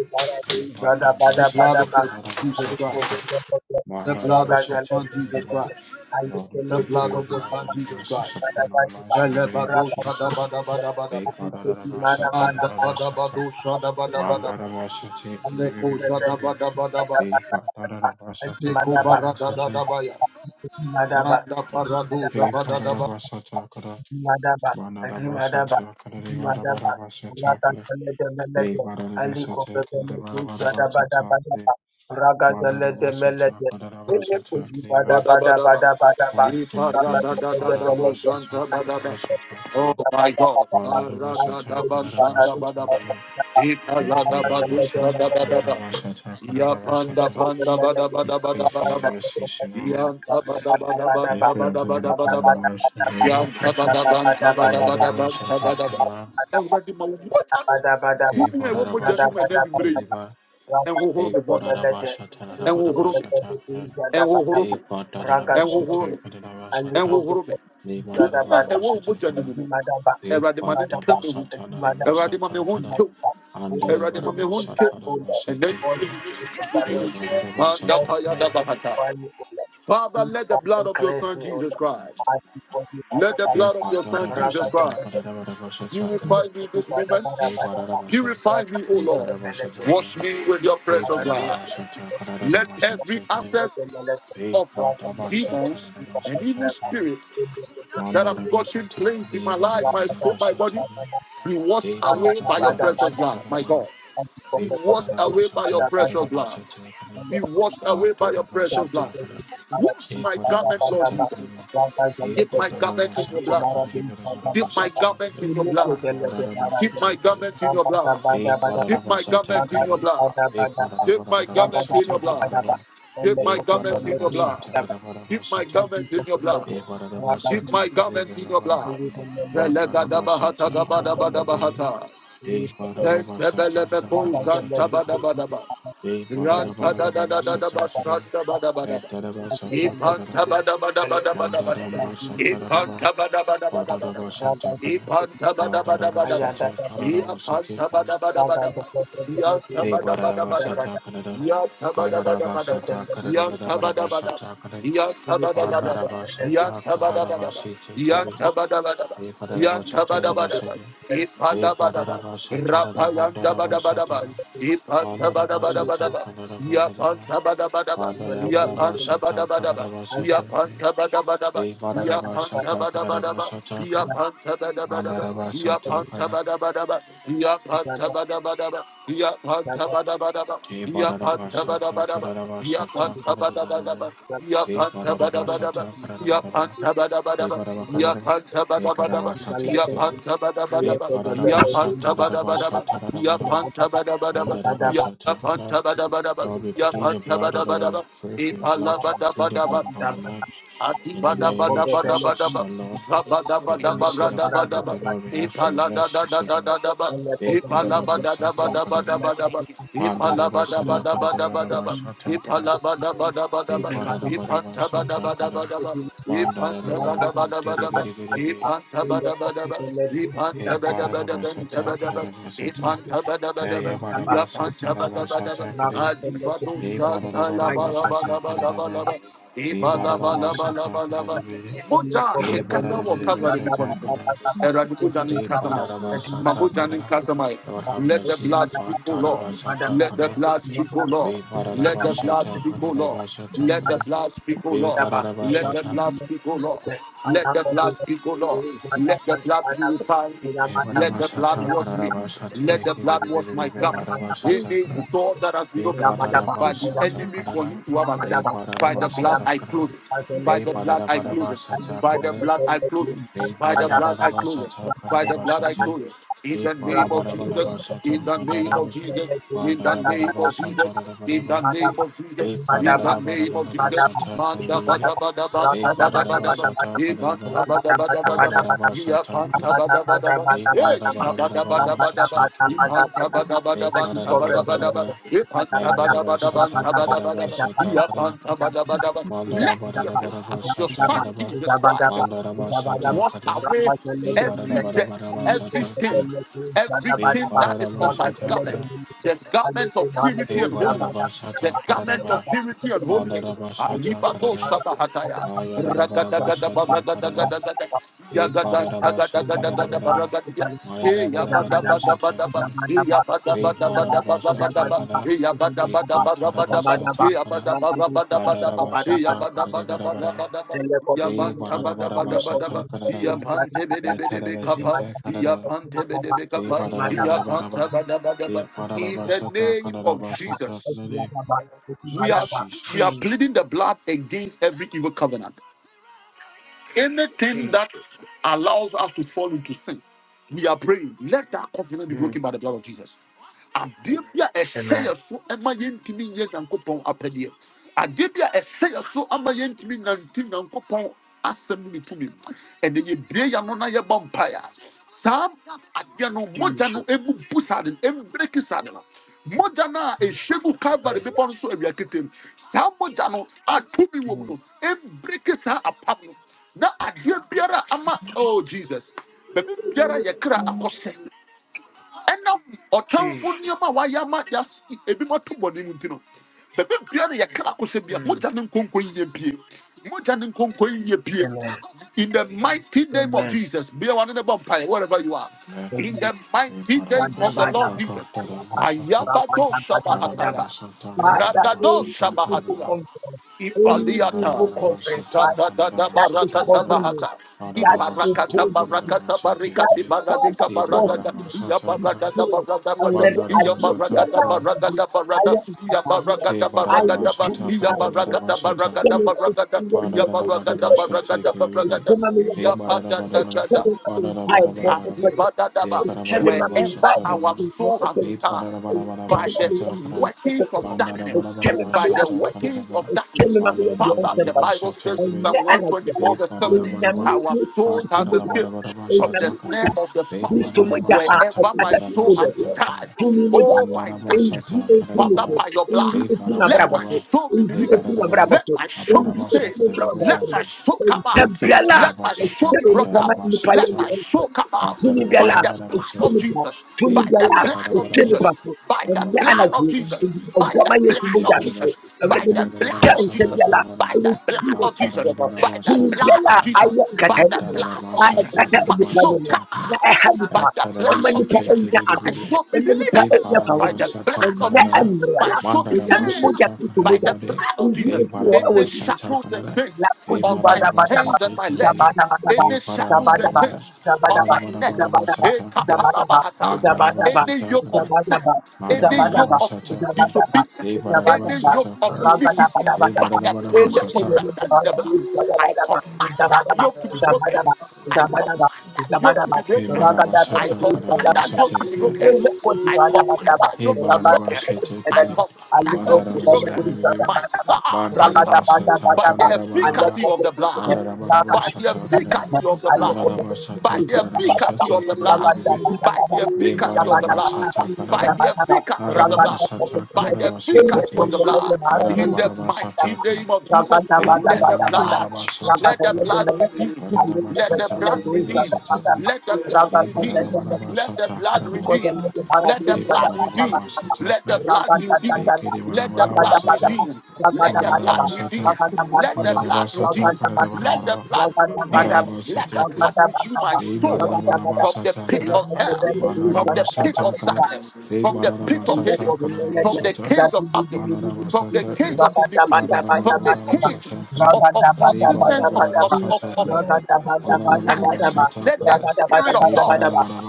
Hey, Father, the
jada bada
The blood
bada
Bashata,
of
Ba
your
Kadeva
son Jesus
Adiko
Christ.
Bashata,
bada,
The blood of your son Jesus
Mandarabashatakiribi.
Rakatatatatatate.
Christ.
Adikatatatatatate.
Lord, we
The
Jadabadabadaba.
plead for
blood
your
Adikododododo.
of your
blood
son
and the
Jesus
mercies
Christ.
bada
upon
bada,
our
Badabadiba.
lives in the name of
Belebado
bada
shada
Jesus.
bada bada bada.
Eh,
bada.
Madarabashata,
Manda
Adikodimaramaramarama.
bada
Darabashata,
bado shada bada bada ba. Zeko
Adikodobel.
shada
Mandarabashatakiribi.
bada bada ba.
Eh,
Adibadabadabadaba.
Madarabashata,
Zeko
Adimadaba.
barada bada da
Kadarabashata.
ya.
Adimadaba.
Manda parado
Adimadaba.
Eh,
zabada bada ba.
Madarabashata, Kadar-
Madaba, Adimadaba,
Madarabashata,
Madaba,
Kadarabashata,
Raka
Kadar-
Telede
Eh,
Melede, Aliko
Madarabashata,
Pepeletu,
Kadarabashata,
Dadabada
Kadar-
Badaba, Raga Telede
Madarabashata,
Melede,
Kadarabashata,
Ileko
Kadar-
Bada
Bada
Bada
bada ba.
Bada Badaba,
You
E
plead for
parada
Raka
your
bada da da
Telede Melede,
mercy,
bada
Aliko
ba.
Pepeletu,
Oh my
Bada Bada
God.
Bada,
Parada
Aliko
bada
Kuji Bada
shanda
Bada,
bada ba.
Bada Ba,
E parada
Raka
bado
Telede
shada
Melede,
bada ba. Ya panda
Ileko
panda bada
Melede,
bada bada
Raka
bada ba.
Telede Melede,
Lord.
Yanta
Bada
bada
Bada
bada bada
Bada,
Plead
Ba,
for your
Bada
blood
bada
Bada
upon
bada
our
ba.
Bada
lives in the
Bada, Ba,
name of Jesus.
Bada Bada Bada, Ba,
Padavasata Kadavasata.
Awurade ma wo mogya no
Hey,
tumi a ɛwɔ mogya no mu ɛnɛ anwummerɛ yi
Badadabashatakadiba.
ɛnhohoro
Hey,
me bɔne ɛnhohoro me
Badadabashatanabadabashatakada.
ɛnhohoro me
Hey,
ɛnhohoro me
I'm
Badadabashatakadabashata.
ɛnhohoro me
Me,
tumi a ɛwɔ wo mogya no mu
Badadabashatakada.
no Awurade ma ne ntam me ho Awurade ma me ho
Ekpatabasatanabashatakada,
ntew Awurade ma me ho nte ɛnɛ anwummerɛ
Andelebarabashatarabasheteke,
yi, Yesu din mu, Manda Paya
Ebarabashatakada,
Dabahata. Father, let the blood of your
Cleanse
Son
me, O
Jesus
Lord.
Christ, let the blood of your Son Jesus Christ
I
purify
Epatarabashatakadabashatakada,
me in
Thank
this moment.
Ebarabasha-
Purify me, O Lord. Wash
Ekarabashatakada,
me with your precious
you.
blood. Let every
Pebarabashatakadabashatakada,
access of demons and evil
Pepatabashatarabashatakada,
spirits,
Mandarabashatakada, Ebarabarabashatada,
our precious blood, my
Pepatabarabashatarada,
God, washed away by your precious blood.
Ebarabashatakadabashatakada,
Be washed away by your precious blood.
Patadabashatakara,
Wash my garment, Lord Jesus.
Ekodadabashatakara,
Dip my garment in your blood.
Epadadabashatakara,
Dip my garment
Ebadabashatakara,
in your blood. Dip my
Padadabashatakara,
garment in your blood. Dip my garment in
Thank
your blood.
Epadadabashatakara,
Dip my garment in your blood.
Epadadabashatakara,
Dip my garment in your blood. Dip my
Epadadabashatakara,
garment in your blood. Keep my garment in your
Ebadadabashatakara,
blood. Velegadabahata
Mandadabashata, Anandamande,
gabadabadabahata.
Epadadabashatakara,
Zenzebelebeko
Ebadabashatakara,
zantabadabadaba.
Epadadabashatakara,
Rantadadadadadabashandabadabadaba.
Epadadabashatakara,
Ipantabadabadabadabadabadaba.
Mandadambashatarabha,
Ipantabadabadabadabadaba.
Padadabashatakana,
Ipantabadabadabadaba.
Padadabashatakarabasatakiri,
Iapantabadabadabadaba. Iantabadabadabadaba.
Vibharadabashatakara,
Iantabadabadabadaba. Iantabadabadabadaba.
Padadabashatakarabarabashatakara,
Yantabadabadaba, yantabadabadaba,
Pandadabashatakarabasatakiri,
yantabadabadaba, yantabadabadaba,
Vibharadabashatarabashatakiri,
you.
ipalabadaba, rapalandabadabadaba,
Vibharadabashatarabandadabashatara,
Thank
ipantabadabadabadaba,
Mandadabashatakarabandaraba,
yapantabadabadaba, yapantabadabadaba,
Padayabarabasatakarabasatakiri,
yapantabadabadaba, yapantabadabadaba,
Vibharadabashatakarabasatakara,
yapantabadabadaba,
Mandarabashatakara,
yapantabadabadaba, yapantabadabadaba, yapantabadabadaba,
E
yapantabadabadaba, yapantabadabadaba,
Badarabashatakarabasatakarabe, E
Yapanta Badabadaba,
Badarabashatakarabaraba,
yapanta
E
Badabadaba,
Badabakamaraba,
yapanta
E
Badabadaba,
Kadarabashatakara,
yapanta
E
badabadaba, Yapanta badabadaba,
Badarabashatarabashatarabaraba,
Yapanta badabadaba, Yapanta badabadaba, Yapantabadabadaba, Yapantabadabadaba,
Mandarabashatakara.
Yapantabadabadaba, Yapantabadabadaba, Yapantabadabadaba, Yapantabadabadaba,
Lord, we plead your
Yapantabadabadaba,
blood, O Lord, we
Yapantabadabadaba,
pray for your blood to be plead your
Ipalabadabadaba,
blood of our lives.
Adi
In the
bada
name of
bada bada bada
Jesus,
ba,
the Lord,
zabada
may
bada
any sin that
bada
will
bada
commit
ba,
the Lord, we ask for your
ipala da da
mercy,
da
O
da
God.
da da ba,
E
ipala bada da bada
Badarabashatakara.
bada bada ba, ipala bada
Mandarabashara
bada bada bada ba,
you.
Kadavarabashata Kada
ipala bada bada bada
Big
ba,
Thank
Badana
ipanta bada
Badabashata
bada
Kada
bada ba, ipanta
Mandaraba
bada bada
Batiri
bada ba,
Biri Biri Biri
ipanta bada bada ba, ipanta
Hey
bada bada benta
Badanabasata
bada ba,
Kadabasata
ipanta bada bada ba,
Hey
yapanta
Badabasata
bada bada ba,
Rabasata Kadi
adi bado
Hey
shanta la ba la ba la
Badanabasata
ba la ba la
Kadaba
ba.
Hey Badanabasata
Ibalabalabalaba
Kadabi
mogya a
Hey
ɛkasa wɔ calvary bepɔ no
Badanabasata
so no
Kada
awurade mogya no
Hey
ma wo ma
Badanabasata
mogya no
Kada Lord have
let the
mercy
blood speak o lord
Badanabasata
let the
Kada
blood speak o lord
Hey
let the blood
Badanabasata
speak o lord
Kadabasata
you.
let the
Kada
blood speak o
Be
lord
Daba, Daba,
let the
Daba,
barabashata.
blood speak o lord
I
let
have
the
all the
blood speak o lord let the blood purify me
Be
Yamada,
let the blood
barabashata
wash me
karabashate.
let the
Be
Yamadaba,
be
blood
be be
wash
be be
my
be
garment
barabashata kara.
any door that has been
Be
opened by the
barabashata
enemy for
karara.
him to have access
Be
Yamadaba,
by the blood
Yamadaba,
barabashata
i
karara.
close it by
Be
the blood I close it.
barabashata
By the
karara.
blood I close it.
Be
By the blood I close it.
barabashata
By the blood I
I
karabashate.
close it. In
Be
the name of Jesus. In
barabashata
the name of
kandarama.
Jesus. In the name of Jesus.
Bandarabashata
In the
rabaraba.
name of Jesus.
Be
In the name of Jesus.
barabashata kare.
Manda
Be be be.
bada bada
Be
bata bada bada ba.
barabashata karaba.
Ibanta bada bada bada ba.
Bandarabashata
Iapanta
kara.
bada bada ba.
Be marada bara
Esha
bara
bada
bara
bada bada ba.
bashati kibibi.
Ibanta bada
Be
bada banta
marada bara
bada bada
bara
ba.
bara.
Ipanta
Nandada
bada bada
basata
banta bada
karada
bada ba.
basata kara.
Iapanta bada bada ba
mandara bara
the
bara
blood of your
basata
son
dada ba.
Jesus Christ
Mandada basata
wash
kare.
away
Be marada
every
Rabada
bara
debt,
bara
Thank
every
basata
sin,
kare. Be
everything that
marada
is on my
basata
garment,
kara
the garment of purity
Be
and
marada
holiness. The
basata karada
garment of
ba.
purity and holiness.
Mandada basata
Alibado
karada.
Sabahataya.
Ayada bara
Ragadagada
basata karada.
Baragadagadagada.
Be
Yagada
marada basata dada
Sagadagadagadagada
bara ba.
Baragadagia. Hey,
Marada bara bara basata
yabadabadabadaba.
kibibi.
Hey,
Ve
yabadabadabadabadabadaba.
bararabashata kana,
Hey,
ve batarabashata kana,
you.
hadarabashata kana de barabaraba, ve
Mm.
bararabarabashata kana da, ve tarabashata kana da, ve bararabarabaraba, ve
In the
bararabashata
name
kana da
of
bashata
Jesus,
kana de.
we are we are
Jesus.
pleading the blood against every evil covenant. Anything that allows us to fall into sin, we are praying, let that covenant be broken by the blood of Jesus. adeɛ bi a ɛhyɛ
Amen.
yɛ so ma yɛntumi nyɛ nyankopɔn apɛdeɛ adeɛ bi a ɛhyɛ yɛ so ama yɛntumi nante nyankopɔn asɛm no ne tumi mu. ɛnɛ yɛbie yɛ no na yɛbɔ mpaeɛ saa adeɛ no mogya no
Jesus.
ɛmu saa de no ɛmbreki saa de no mogya no a ɛhyɛ gu calvary
Yes, Lord.
bepɔ no so awia ketem saa mogya no a tumi wɔ mu
Mm.
no ɛmbreki saa apam no na adeɛ biara ama oh jesus baabi biara yɛ kra akɔsɛ ɛnam ɔtamfo
Jesus.
nneɛma wayɛ ama yɛas ebi mo to bɔne mu nti no baabi biara yɛ kra akɔsɛ bia
Mm.
mogya ne nkonko yɛ pie mogya ne nkonko yɛ pie
Amen.
in the mighty name of
Amen.
jesus be wa ne ne bɔ mpaeɛ wherever you are
Amen.
in
Amen.
the
Ve
mighty name of the lord
bararabashata
Ba-da-ba-da-ba.
jesus
kana da
Ba-da-ba.
bashata,
ayabado
Ba-ba-da-ba-da-ba-da-ba.
shabahataya
bararabashata kana
Father,
da
ragado
any
bashata kana
evil
shabahatia
da,
conference,
ve
any evil
ifaliata
conference,
bararabashata
Shata
Father,
kana
da
da
da
that is
baraka
bashata kana.
covering me,
sabahata.
that is
Ibarakata
Adarabasata
holding me.
barakata
Kadarabasete
that
barikati
Kre
baradika
Father
E
chose
barada
me.
iya
Badarabasata
He
Kra
baragada
said,
barada,
I
barada
already
iya
agree your
Bandarabasata
baragada
Kra
life.
baragada
I
barada
am not
iya
aware.
He
baragada
I will
baragada ba
tell
Badarabasata
you
iya
I will say.
baragada
It's
Kadarabasata
baragada
coming
Kra
up in
baragada
the
iya
year. It's
baragada
coming up in the
Badarabasete
baragada
year.
Kre
It's
Bibi
baragada
coming up in the
He
iya
year.
pada da
It's
da
Badarabadabada
da
coming up in the Bible.
Badarabadabadabada He
Asibadadaba.
It's coming up in the
Wherever
Karabarabasata
Bible.
our
Rabada
It's coming
soul
up
has been
He
tied,
in the year. It's
by
coming up
the
in
Badarabadabadabasata
the
Kra
year.
workings of darkness,
It's coming up in
by the
Bandarabadabadabasata
the year.
workings
Kadaraba
of
It's
darkness.
coming up in the year. It's coming up in the year. It's coming up in the year. It's
Father, the Bible
Bandarabadabadabasata
says in
Kre
Psalm
He
124, verse 7,
Badarabadabada
our souls has escaped from the
coming
Badarabadabadabasata
up in the year.
snare of the fowler,
Kristo moja a-
Beparabashata
wherever my
atakatifu
soul has
wewe.
been
Kadarabashata
tied.
Kada
Kumi moja
Oh,
ro.
by darkness,
Injili
Andarabashata
ifune
Father,
tu.
Kadarabara
by your
Injili
blood,
ifune
let
abrabo
my
tu.
Beparabaraba
soul be
Injili
delivered,
ifune
Beparabaraba
abrabo
let
tu.
my soul be
Injili
Abarabasha
saved.
ifune abrabo
Let my
tu.
Kadabarabasha
soul come out.
Ntabiyala.
Let my soul
Bepatarabashata
be brought
Ntabiyala.
out. Let
Kandarabashata
my
Ntabiyala.
soul come out
Tunigala,
by the blood of
Patarabarabashata
Tunika,
Jesus. By the
Tunigala,
blood of
Bepatarabara
Tunika,
Jesus. By the
ne
blood
Barabarabara
of
anaki,
Jesus. By
Kadarabara
the
gwama
blood
yesu muda
of
Ekadara
nufu,
Jesus. By
awrede mi
the blood of
gyan
Jesus.
Ekadarabarabashata
sengala,
By
Kadarabara
the
awrede
blood
Jesus
of
Christ
Jesus.
yaba,
By the
Atarabarabashata
blood
tunigala
of
Kada
Jesus.
ayan
By
katani
the
mo,
blood of
ana
Jesus.
Atarabashata
kata ene
My
pano
soul
mo,
come
Darabashata Kada
na
out by
ehalipa,
the blood
ema
of
nipa
Atarabashata
Jesus.
enya
I
ado,
Kibibibi
shall be
ema nipa
Hey
delivered
enya
by
Paranama
the
pawodi,
blood
na
Santa
of
ne
Jesus.
Kanada
I
anmrela,
shall be
ina
Mandarama
mi
saved
muda
Santa
kitu
by
Kanada
the
Made
blood of Jesus.
Hey
Any
Paranama
muda,
Santa
shackles and
Kanada
chains
Hey
on my
Madarama
Yakudubadabadaba,
hands and
Sete
my legs,
Kibidi
zabadabadaba,
Hey
any
bada
shackles
Paranama
bada
and
going
ba,
to
Namada
chains
be
on
zabadaba,
my
Madarama
neck,
Namadama
zabadaba,
Eh,
Santa Kana
zabadaba,
kapalabahata.
Mandarama
any
Santa
yoke of
Kana
sin,
zabadaba,
any
Madarama
yoke
Nama
of
Santa Kana
zabadaba,
disobedience,
Hey Paranama
any
zabadaba,
yoke
Santa
of
Kana
iniquity,
Hey
by
ragadabadabadaba.
the
Madarama Nama
Ele
power
Santa
invested in
kodolobala,
the blood, I
zabadabadaba,
command that
zabadaba,
yoke to be broken.
zabadaba,
I
zabadaba,
command that yoke to
zabadaba,
be
Hey
broken.
Marama
ragadabadaba,
I
Santa Kanada
command that yoke
zabadabadaba.
to be
Santa
broken.
Ele
I command
kodibadabadaba,
that
Hey,
yoke to be
Bararaba,
ragadabadaba,
broken. I
Shetekebe,
zabadaba,
command that
aliko
yoke to be
kodibadaba,
Mandaraba,
broken.
Baby,
My
zabadaba,
God, my
Bantaraba,
God, by
ragadabadabadaba
the
Satakanada,
and the
Baraba,
efficacy of
corporate
the blood,
government, Raga
Bararabaraba,
by the
Satakana,
efficacy of the
and
blood,
Mandaraba,
by the
Satakanaba,
efficacy of the blood
Satekebe,
by the
Be
efficacy of the
Bararaba,
blood, by
Satakanada,
the efficacy of the
Araraba,
blood, by the
Satakanaba,
efficacy of
Setekebe,
the blood. In the
Ararabaraba,
mighty
Satakana,
name of Jesus,
Be
let the blood,
Manarabaraba,
let the
Satakana,
blood redeem,
Bararaba,
let the blood
Satakanaba,
the
redeem,
Saturday,
let the
corporate
blood
Be
redeem,
Raga
Bararabaraba,
let the blood
Thank
Satakanaba,
redeem, let the
Be
blood redeem, let
Bararabaraba,
the blood redeem, let the blood
Pekedevarabaravarasata,
redeem, let the blood redeem,
Mararavasata,
let the blood
Mararavasata,
redeem, let the
Kanadavaravarava,
blood redeem, let the
Vararavasatek,
blood redeem my
Pe
soul from the
Bararavaravasata,
pit of
Kana,
hell, from the pit of
Vanaravasata, Kana,
darkness,
Pe
from the pit of
Bararavasata,
Hades, from the
Kanadavasata,
cage of abdomen,
you.
from the
Vanaravasata,
cage
Kana,
of iniquity, from the cage
Vararavaravarasata, Kana,
of, of
Pe
consistence of, of, of,
Bararavaravasata,
of
Kana,
darkness.
Vararavaravasata,
Let the
Kana,
Spirit of
Pe
God,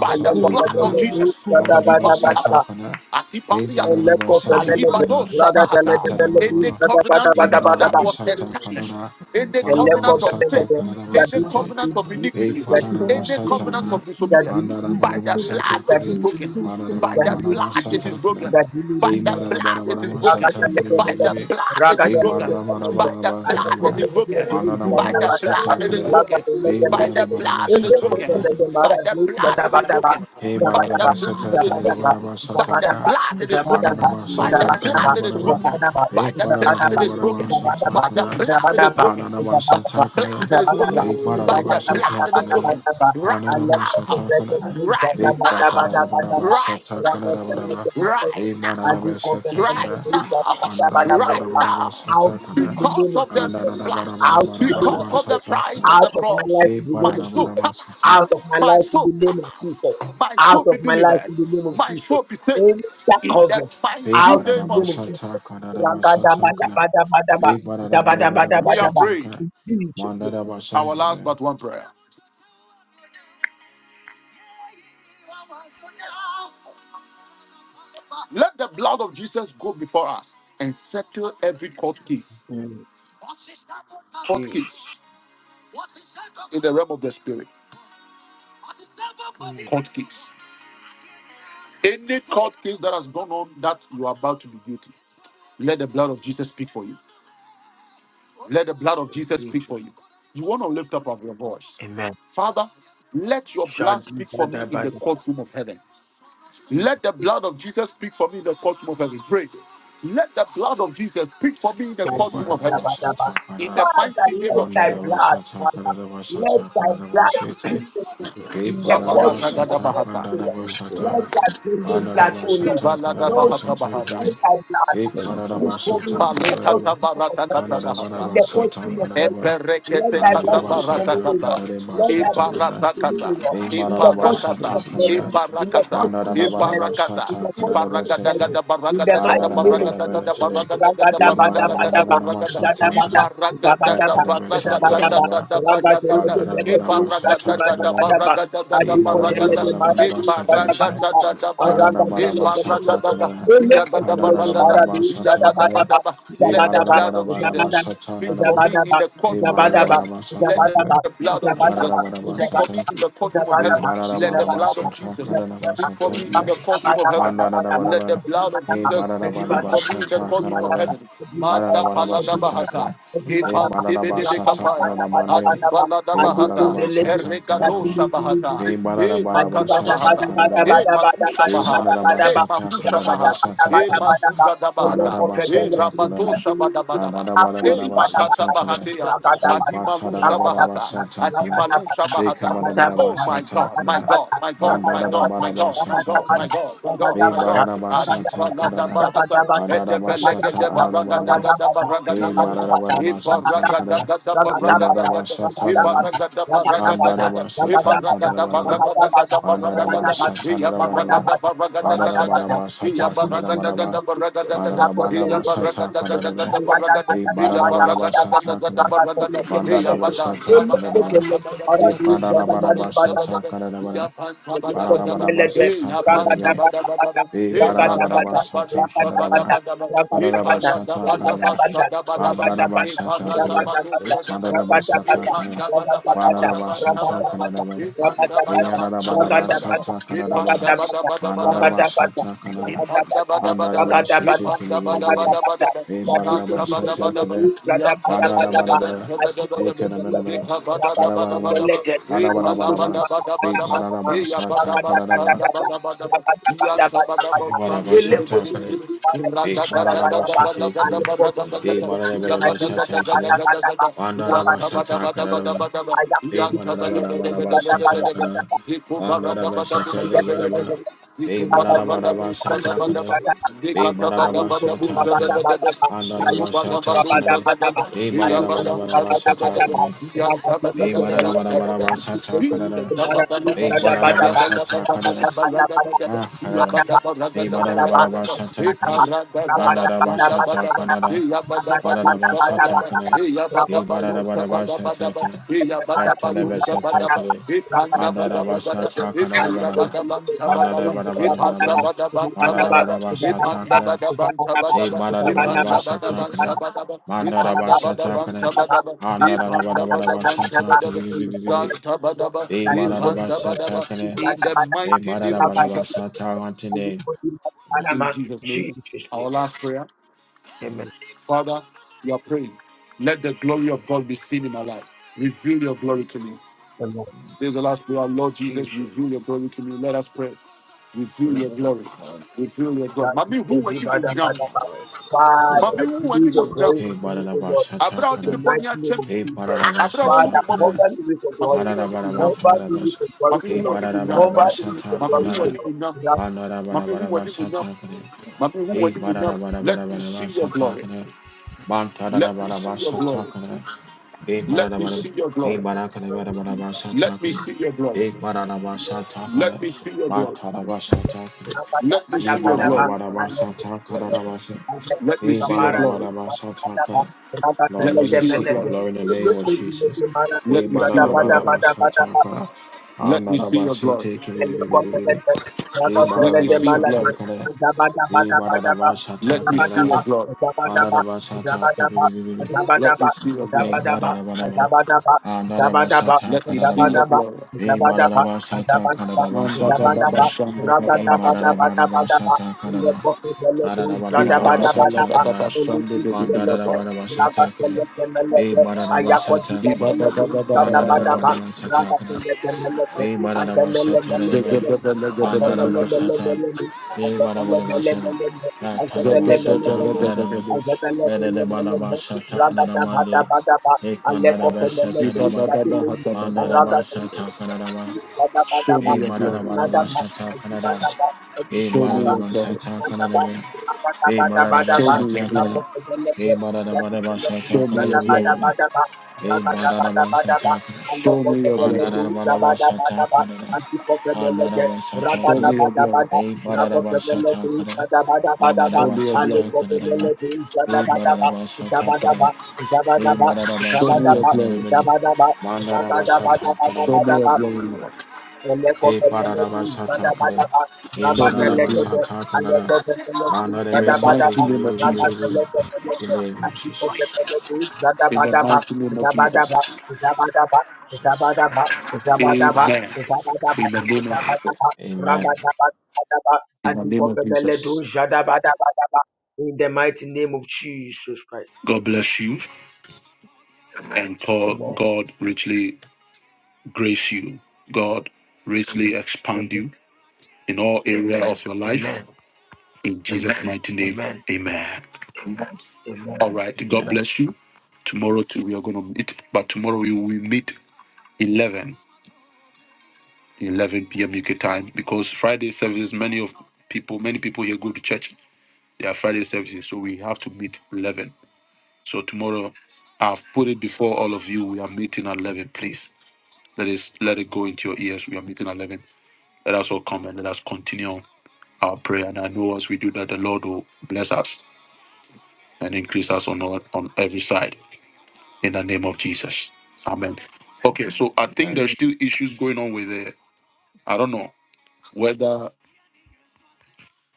by the blood
Kana,
of
a little bit
Jesus,
Vanaravasata,
Antipaliata,
Kana, Pe
Antipaliata,
Bararavaravasata,
Alibado
Kana,
Shabahata, any covenant
more
that was
Debarabashata
established,
Kanada,
any covenant of sin,
Mandarabashata
any
Kanadabashate,
covenant of
E
iniquities, any
Padarabashata
covenant
Kana,
of disobedience, by the blood
Andarabarabashata
it is
Kane,
broken. By the blood it is
Padarabarabarabashata Kana,
broken. By
E
Gadili,
the blood it
I
is broken.
Marabarabarabashata Kane,
By the
Bibi,
blood
love
it is
E
broken. By the
Marabarabarabashata
blood it
Mana,
is broken. By the blood
Andarabarabashata
it is
Kana,
broken.
E
By the blood it is
Marabarabarabashata
broken.
Kana,
By the blood it is broken.
E
By the blood
Marabashata
it is
Kana,
broken. By
Debarabashata
the
Kana,
blood it is broken. By the
Marabashata
blood it is
Kanadabaraba,
broken.
E
By the blood it is broken.
Parabarabarabashata
By the
Kana,
blood it is broken. By the
Mananamashatakanaya,
blood it is broken.
Big
By the
careful.
blood it is
Badarabashatakanada,
broken. Right
the
now.
present of
Mananamashatakanada,
me,
Right
Big
Zabada Bada Bada
now.
Bada,
Right
Badarabashatakanada,
now.
Badaba,
Raga
Right
Big
I
now.
do call them the
Right
Lord, the
Mananamashatakanada,
Lord,
now.
the
Right now
Lord, the Lord, the Lord. Out in
Mananamashatakanada,
the
because
name of
of the
Jesus.
blood,
Out in the name of
because of the
Jesus.
price
Ananamashatakanada,
of
Out
the
of my
cross.
life in
Big
the
My
name of
soul
Jesus.
come
Badarabashatakanada,
Out of my
out, my
life in the
soul
name
come
of Jesus.
out, my
Out
soul
of
be
my life
delivered,
in the name of
my
Jesus.
soul be saved.
Any that
In the
covering.
Big
mighty
Out in
name
the
of
name of
Jesus,
Jesus.
Badarabashatakanada,
Ragadabadabadabadaba.
Big
we are
Dabadabadabadaba.
praying
Badarabashatakanada,
In Jesus' name.
Mananamashatakanada,
our last
Amen.
but one prayer. Let the blood of Jesus go before us and settle every court case,
Mm,
court
Jesus.
case in the realm of the spirit,
Mm,
court case. Any court case that has gone on that you are about to be guilty, let the blood of Jesus speak for you. Let the blood of Jesus speak for
Jesus.
you. You want to lift up of your voice.
Amen.
Father, let your blood
Shadi
speak for
bada
me in the
bada.
courtroom of heaven. Let the blood of Jesus speak for me in the courtroom of heaven. Pray. Let the blood of Jesus speak for me in the
Father,
Big
courtroom of heaven. In
Badarabashatakanada.
let
the mighty name of
thy
Jesus.
blood,
Mandarabasata
Father, let
Kandarabasata
thy blood speak
Kandarabasete
for me
Be
in the
Praise to
courtroom of
Bandarabasata
the
Labaratagadabahata.
spirit. Let
Kandarabasata
heaven,
thy precious blood, O Lord,
Bandarabasata
those
Ibaladabahata
Kandarabasata
who
bahata.
Kiwi
let thy blood
Be
let my job
speak for
speak for
me
Bandarabasata
in the
Kandarabana
courtroom of the
Jesus,
Palekatabaratakatabahata.
in the
Bandarabasata
fortune of heaven.
Kandarabana
Let
Eperekete
thy
kata
blessing for me,
barata
Bandarabasata
O
kata.
Lord. Let thy
Kandarabasata
blessing
Kandar
Ibarata
for me,
you
O
kata.
and
Lord.
Be
all.
In the
My
fortune
Ibarakata.
of
Bandarabasata
case is
heaven.
straight
Kandara
and
In the
Ibarakata.
fortune of heaven.
Ibarakata.
In
Bandarabasata
the fortune of
Ibaragada
Kandarabasete
heaven.
gada
In the
baragada gada
mighty name of
baragada gada
Jesus.
Bandarabasete
baragada gada
Be
baragada gada
Rabadabadabadaba.
baragada.
Bandarabasata
Zadabada.
Kandar
Ibaragada da
Zabadaba.
baragada
Bandarabasata
da
Zabadaba.
da
Kandarabasata
da baragada. Ibaragada da da
Wandarabarabasatakara,
Rabadabadabadaba.
baragada gada baragada.
But you
Ibarabarabasatakara,
Ibaragada
Adipozeledebadabadabadaba.
da da baya.
can't
Ibaragada
Arangazelebedebede.
da.
Wandarabarabasatakara,
Iyagada baragada. Iya bada
Adarabarabasatakara,
Elepozeledebadabadabadaba.
bada. Let the
Zabadaba.
blood of Jesus
Zabadaba.
speak for
Ibarabarabasatanaraba,
the
me in
Zabadaba,
the courtroom of
zabadaba,
heaven. Let the
zabadaba,
Ibarabarabasatakara,
pain
blood
of
of
how you
Jesus
zabadaba,
move
zabadaba,
the
speak for
spirit of
me
Wandarabarabasatak,
zabadaba,
the
in the courtroom of
mountain.
heaven.
Lord
zabadaba,
Let the blood
zabadaba,
of Jesus speak for me
you
in
Ibarabarabasatakarabasatakara,
the
will keep
courtroom of
zabadaba,
heaven.
zabadaba,
Let the
Mandarabarabar,
blood of
Be
ejimadaba,
Jesus
me
speak
on the
Madarabarabar
for
ejimadaba,
me in the
Sata
spirit.
courtroom of
ejimadaba,
Kararabar,
heaven. Manda
Madarabarabar
palada
Sata
ejimadaba,
bahata.
Kara, Be
ejimadaba,
Epante
Madarabar
bedebe
Sata
ejimadaba,
kapaya.
Anarabande,
rabadabadabadabadaba,
Adibalada
Be
bahata.
Madarabar
ayukuzelebe,
Sata
Erregado
Kararabar,
shabahata.
Be
kadulidulidulidulu,
E
Madarabarabar
makata
Sata
bahata. E
Kararabar,
makusha
Be
baha.
Madarabar
E
ajibadabadabadabadabadabadabadaba,
Sata
makusha
Kararabar
baha.
Sata
E
Kara,
rabadabadabadabadaba,
masugada bahata.
Madarabar
Eh,
Sata
elokofebelekulu,
rabato
Karara,
shabadabadaba. Eh,
Anarabarabar
makata
Sata Kara,
bahatea.
Be
Adimalu
Matarabarabar
shabahata.
Sata Kara,
Adimalu
Be
shabahata.
Kamadabarabar
Oh my
Sata
God, my
Kara,
God, my God, my God, my
Mandarabarabar
God, my
Sata
God,
Kara,
my God, my God,
Ve
my God.
bararabashata
Adibalada
karara.
bahata. Edebelege
Badarabashata
de Edebelegede
ararabane.
baragadagada
To
Ve
baragadagada.
my case is straight.
bararabarabashata karara.
Ibaragadagadada
Ve
baragadagada.
barabashata rara.
Ibaragada baragadagada.
Bandarabashata
Ibaragada
kararabaraba.
baragadagada baragadagada.
Bandarabashata
Iya
rarabaraba.
baragada baragada gada gada. Iya
Bararabarabashata
baragada gada
kararabaraba.
baragada gada. Iya
Bararabarabashata
baragada
Ragada
gada
kararabe.
gada baragada.
Ve
Iya baragada
Ayadadadadadadadadada.
gada
bararabarabashata
gada
karara.
To
baragada.
do my case
Iya
is
Rakatelekelekete.
badan
Bandarabashata
tabada ban
kararaba.
Elekoteleke
tabada
Ve
bada ban
paradis.
tabada ban
Gadabadabada.
tabada
bararabarabashata
ban. Iya
kararabara.
pan tabada bada ban. Iya
Bararabarabashata
pan
kararabe.
tabada bada ban.
Eh,
Iya
bararabarabar
makata badu
shata
shabada
kararaba,
bada ban. Iya
bararabar
parada
shata
So,
bada
karara,
basada bada ban.
andarabar
Iya
shata
you
parada
kare,
badu shabada bada ban.
mandarabar
Iya
shata kare,
panda bada bada bada
help
bararabar
ban
shata
tabada ban.
kararaba,
Iya
my
eh,
case is
panda bada
yararabarabar
straight in
bada
shata
ban.
kararaba,
Jesus.
manarabar
Lord, I
shata karara, andarabar
Yadaba,
shete kebebebebe, eh,
my mountain.
bararabar shata
Yadaba,
kare,
Surely
mandarabarabara, eh,
Yadaba,
keremeremere, harabarabara,
badaba, e palabada
harabarabarabara,
Rabba
eh,
badaba, e
bararabar shata
yabadaba
kararaba,
sanda badaba, yanta badaba
eh,
sandi
bararabar shata kare,
bidibidibidib,
Be Baranabashate Kimi.
radadadadadadadadadaba,
Be
radadadada,
Manabashata Kane.
yabadagadagadagadagada, yanta
Wandarabashata Kanaba.
badabadabadabadaba,
Be
yanta
Manabashata
badabadabadabadabadaba,
Kana.
I
ziku baradabadabu
Wandarabashata
shadabadaba,
Nebadaba. Be
ziku badabadabu
Manabashata
shadabadaba,
Kane. Be
dikadabadabadabu
Manabashata Kana.
shadabadaba, ziku
Andarabashata
badabadu
Kane.
zadadada,
Be
yabadam
Manabashata
tadadadadaba,
Kane.
Jesus. Ipanda
Be Manabashata Kanada. Be Manabashata Kanada. Ah, Kanada.
Thank
Be Manabashata Kanada. Mandarabashata Kanada. Mararabashatakane, E Mararabashatakane, Metalebeshatakane, Anarabashatakanarabanama, Manarabarabarabarabar, Mararabashatakane, E Mararabashatakane,
Thank
Mandarabashatakane,
Tabadaba, Ipandabadaba,
Anarabarabarabashatake, Bi-
Tabadaba,
Bi- Bi- Bi- Bi- Bi-
Zantabadaba,
E
Ipandabadaba.
Mararabashatakane, E
you and we
Mararabarabarabashatakane.
put in the body
Amen.
of
In
Anama.
Jesus,
Jesus' name.
our prayer.
Amen.
Father, we are praying. Let the glory of God be seen in my life. Reveal your glory to me.
Amen.
There's the last prayer. Lord Jesus,
Jesus.
reveal your glory to me. Lord, reveal your glory. Reveal your glory.
That is
Mami,
for
who were you
Father,
yam?
Father.
Mami,
Father,
who
we
were
give the
you yam?
glory to
Hey,
you, O Lord,
Abra,
in
what did
the
the
Barabashatakana.
body
mighty name
achieve?
of
Hey,
Jesus.
Abra, what who be
Father,
more
Barabashatakana.
boys?
cover me with your
Mami,
glory.
who were you yam?
Cover me with
Bararabarabarabash.
your
Mami,
glory, O
Hey,
who were
Lord.
you yam?
Cover me with
bararabarabashata
your
Mami,
glory,
who were
O
kadara.
you yam?
Lord.
Mami, who wadi munyam?
Bararabarabashata kare.
Mami, who
Hey,
wadi munyam? Let me see your
bararabarabashata
glory.
kare.
Let me see your
Bantarabarabashata
glory.
kare. Hey,
Let me
bararabarab.
see your
Hey,
glory.
barakarabarabashata
Let me
kare.
see your glory.
Hey, bararabashata
Let
kare.
me see your glory.
Bantarabashata
Ra-
kare.
ra- ba- da-
Let
ba-
me
Hey,
da-
see
ba-
your
da- ba.
glory.
And let the-
bararabarabashata kadarabase.
and let the-
Let me
Hey,
the
see your
Mara
glory.
do- ba- ba-
bararabarabashata
da- ba.
kare.
Ra- ba- da-
Lord,
Let
le-
me
let me
de-
see
me-
your
see
le-
your
de.
glory.
glory in the name
Le-
of
ko- di- le-
Jesus.
de- Mara do.
Be
Let me
Ra-
see
da-
your
ba- da-
glory.
ba-da-da-ba-da-ba,
ba- da- ba- da-
shatakara.
Let me see
Anadaba,
your
si,
glory.
tiki, bi, bi, bi, bi, bi, bi, bi. Be ba
Let me see your glory.
Be
Let me see your glory.
be be be be.
Let me see your
Hey,
glory.
ba da
Let me see your glory.
Be ba-da-da-ba, shatakara, da-ba,
Manda da da ba shanda da da ba ha da.
Ayako di meleke, zada
Diga da da ba la da da ba shanda
hey
da da
ba
da
da
ka pa.
da Be ba
Show me your glory.
Bandada
bada ba,
Banaba Sata Kana
raga
Be Badaba Sata Deneme Bandada Basata Be Badaba Basana Batalaba Sata Kanadama Bedede Badaba Sata
Ragata bata
Anadamande
bata ba,
E
aleko
Kandada
pemele
Besata
duit
Naba
kati linde,
Bandada
raga
Basata
Zabadaba,
Kanadama
Zabadaba,
Be Badada Badaba Sata Kanada Be
Show me
Badada
your glory.
Basata Kanadame Be Badada
Show me your
Basata
glory.
Kana Be Badada Badaba Sata
Show me
Kanada
your glory.
Be Badada Basata Kana
Show me your glory.
Mandara Badaba shata Kadada, Andaraba shata
Show me
Kada,
your glory.
Bay Badaba shata Kada,
Show
Mandaraba
me your
shata
glory.
Kadadaba, Bay Badaba shata kada kada, kada,
Show me your
Zabadaba,
Mandarabashatakada. Andarabashatakada.
Zabadaba, Zabadaba,
glory. Show me your
Zabadaba,
glory, Lord.
in
Be shata Mandarabashatakada. Be Barabashatakada. shata kada Mandarabashatakada. Be Barabashatakada. E Mandarabashatakada.
In the mighty name of Jesus.
Mandarabashatakada. In the name of Jesus.
In the mighty name of Jesus.
Jesus.
Amen. In the name of Jesus.
Amen.
In the name of Jesus.
the mighty name of Jesus Christ.
God bless you. and call
Amen.
God richly grace you. God richly expand you in all area of your
Amen.
life. In Jesus' mighty name,
Amen.
amen.
Amen.
All right. God
Amen.
Amen.
bless you. Tomorrow too, we are going to meet, but tomorrow we will meet eleven, eleven 11 p.m. UK time because Friday services, many of people, many people here go to church. They are Friday services, so we have to meet 11. So tomorrow, I've put it before all of you. We are meeting at 11. Please let it let it go into your ears. We are meeting at 11. Let us all come and let us continue our prayer. And I know as we do that, the Lord will bless us and increase us on all, on every side in the name of Jesus. Amen. Okay, so I
Amen.
think
Amen.
there's
Amen.
still issues going on with it. I don't know whether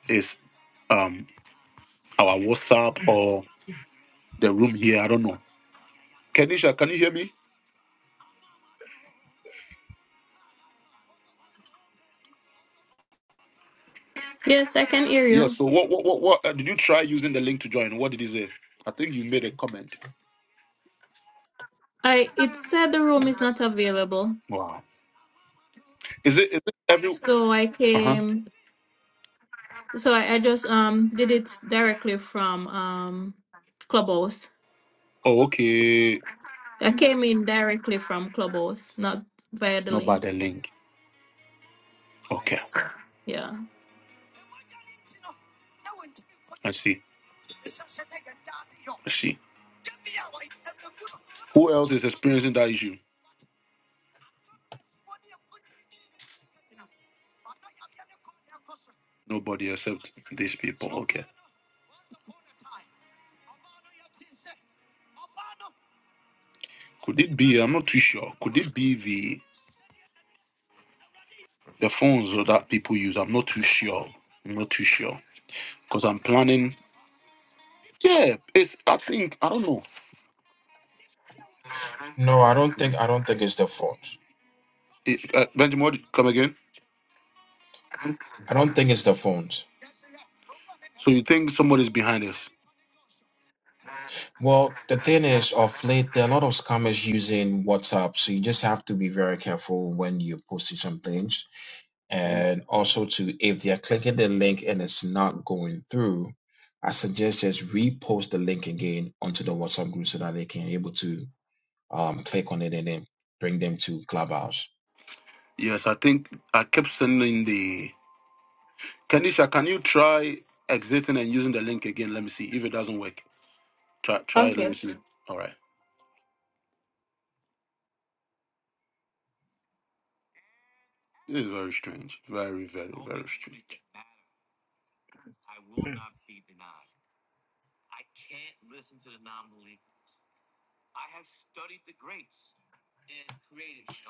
it's um our WhatsApp or the room here. I don't know. Kenisha, can you hear me?
Yes, I can hear
Yes.
you.
so what what what, what uh, did you try using the link to join? What did he say? I think you made a comment.
I it said the room is not available.
Wow. Is it is it every
So I
uh huh?
came so I, I just um did it directly from um Clubhouse.
Oh okay.
I came in directly from Clubhouse, not via the
Not by the
link.
link. Okay,
Yeah.
I see. I see. Who else is experiencing that issue? Nobody except these people. Okay. Could it be? I'm not too sure. Could it be the the phones or that people use? I'm not too sure. I'm not too sure because I'm planning. Yeah, it's. I think I don't know.
No, I don't think I don't think it's the fault.
It, uh, Benjamin, what, come again.
I don't think it's the phones.
So you think somebody's behind this?
Well, the thing is, of late, there are a lot of scammers using WhatsApp, so you just have to be very careful when you're posting some things. And also, to if they are clicking the link and it's not going through, I suggest just repost the link again onto the WhatsApp group so that they can able to um, click on it and then bring them to Clubhouse.
Yes, I think I kept sending the. Kanisha, can you try exiting and using the link again? Let me see if it doesn't work. Try, try. Let
Okay.
me see. All right. This is very strange. Very, very, very strange.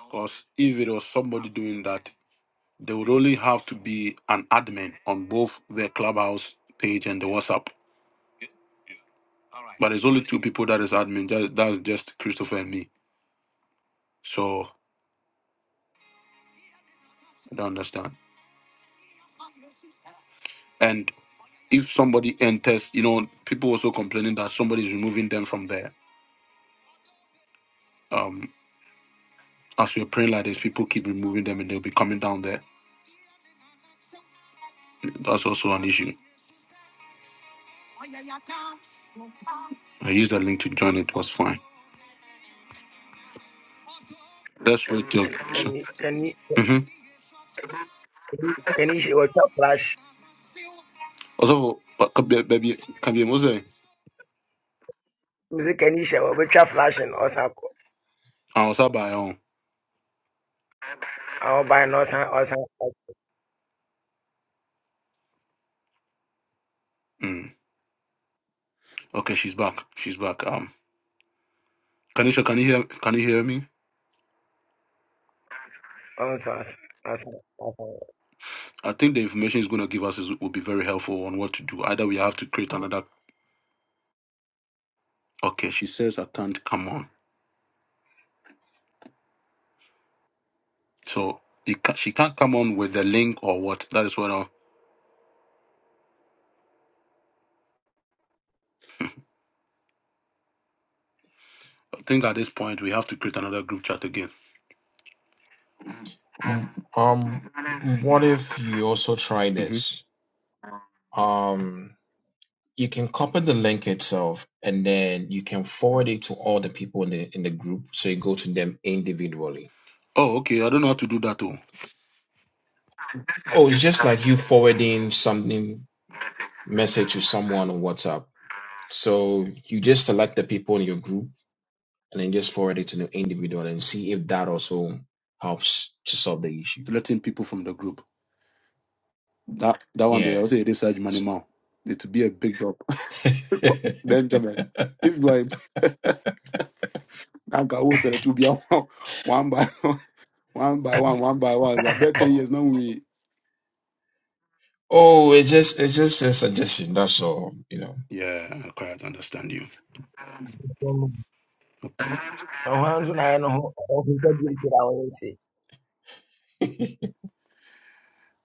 Because if it was somebody doing that, they would only have to be an admin on both the clubhouse page and the WhatsApp. But there's only two people that is admin. That, that's just Christopher and me. So I don't understand. And if somebody enters, you know, people also complaining that somebody's removing them from there. Um, as we are praying like this, people keep removing them and they'll be coming down there. That's also an issue. I used a link to join. It was fine. That's what your so.
Any, any,
Mm-hmm.
Kenisha wɔtwa flash
Also, but could be- baby, can be a Mose.
mese Kenisha wɔbɛtwa flash no ɔsan kɔ
I was up by um.
ɔban no ɔsan ɔsan
Mm. Okay, she's back. She's back. Um, Kanisha, can you hear? Can you hear me?
ɔnso asan asan asan
I think the information is going to give us is will be very helpful on what to do. Either we have to create another. Okay, she says I can't come on. So you ca- she can't come on with the link or what? That is what I, I think at this point we have to create another group chat again.
Mm, Um, what if you also try
Mm-hmm.
this? Um, you can copy the link itself and then you can forward it to all the people in the in the group so you go to them individually.
Oh, okay. I don't know how to do that. Oh,
Oh, it's just like you forwarding something message to someone on WhatsApp. So you just select the people in your group and then just forward it to the individual and see if that also helps to solve the issue.
selecting people from the group. That that one there,
Yeah.
also it is research money
So-
now. It will be a big job. Benjamin. If you are that guy who said it will be a one, one by one, one by one, one by one. I bet ten
oh,
years now we
oh, it's just it's just a suggestion. That's all. You know.
Yeah, I quite understand you.
ɔhwan nso n'ayɛ no ho ɔkuta bi nti na ɔyɛ nti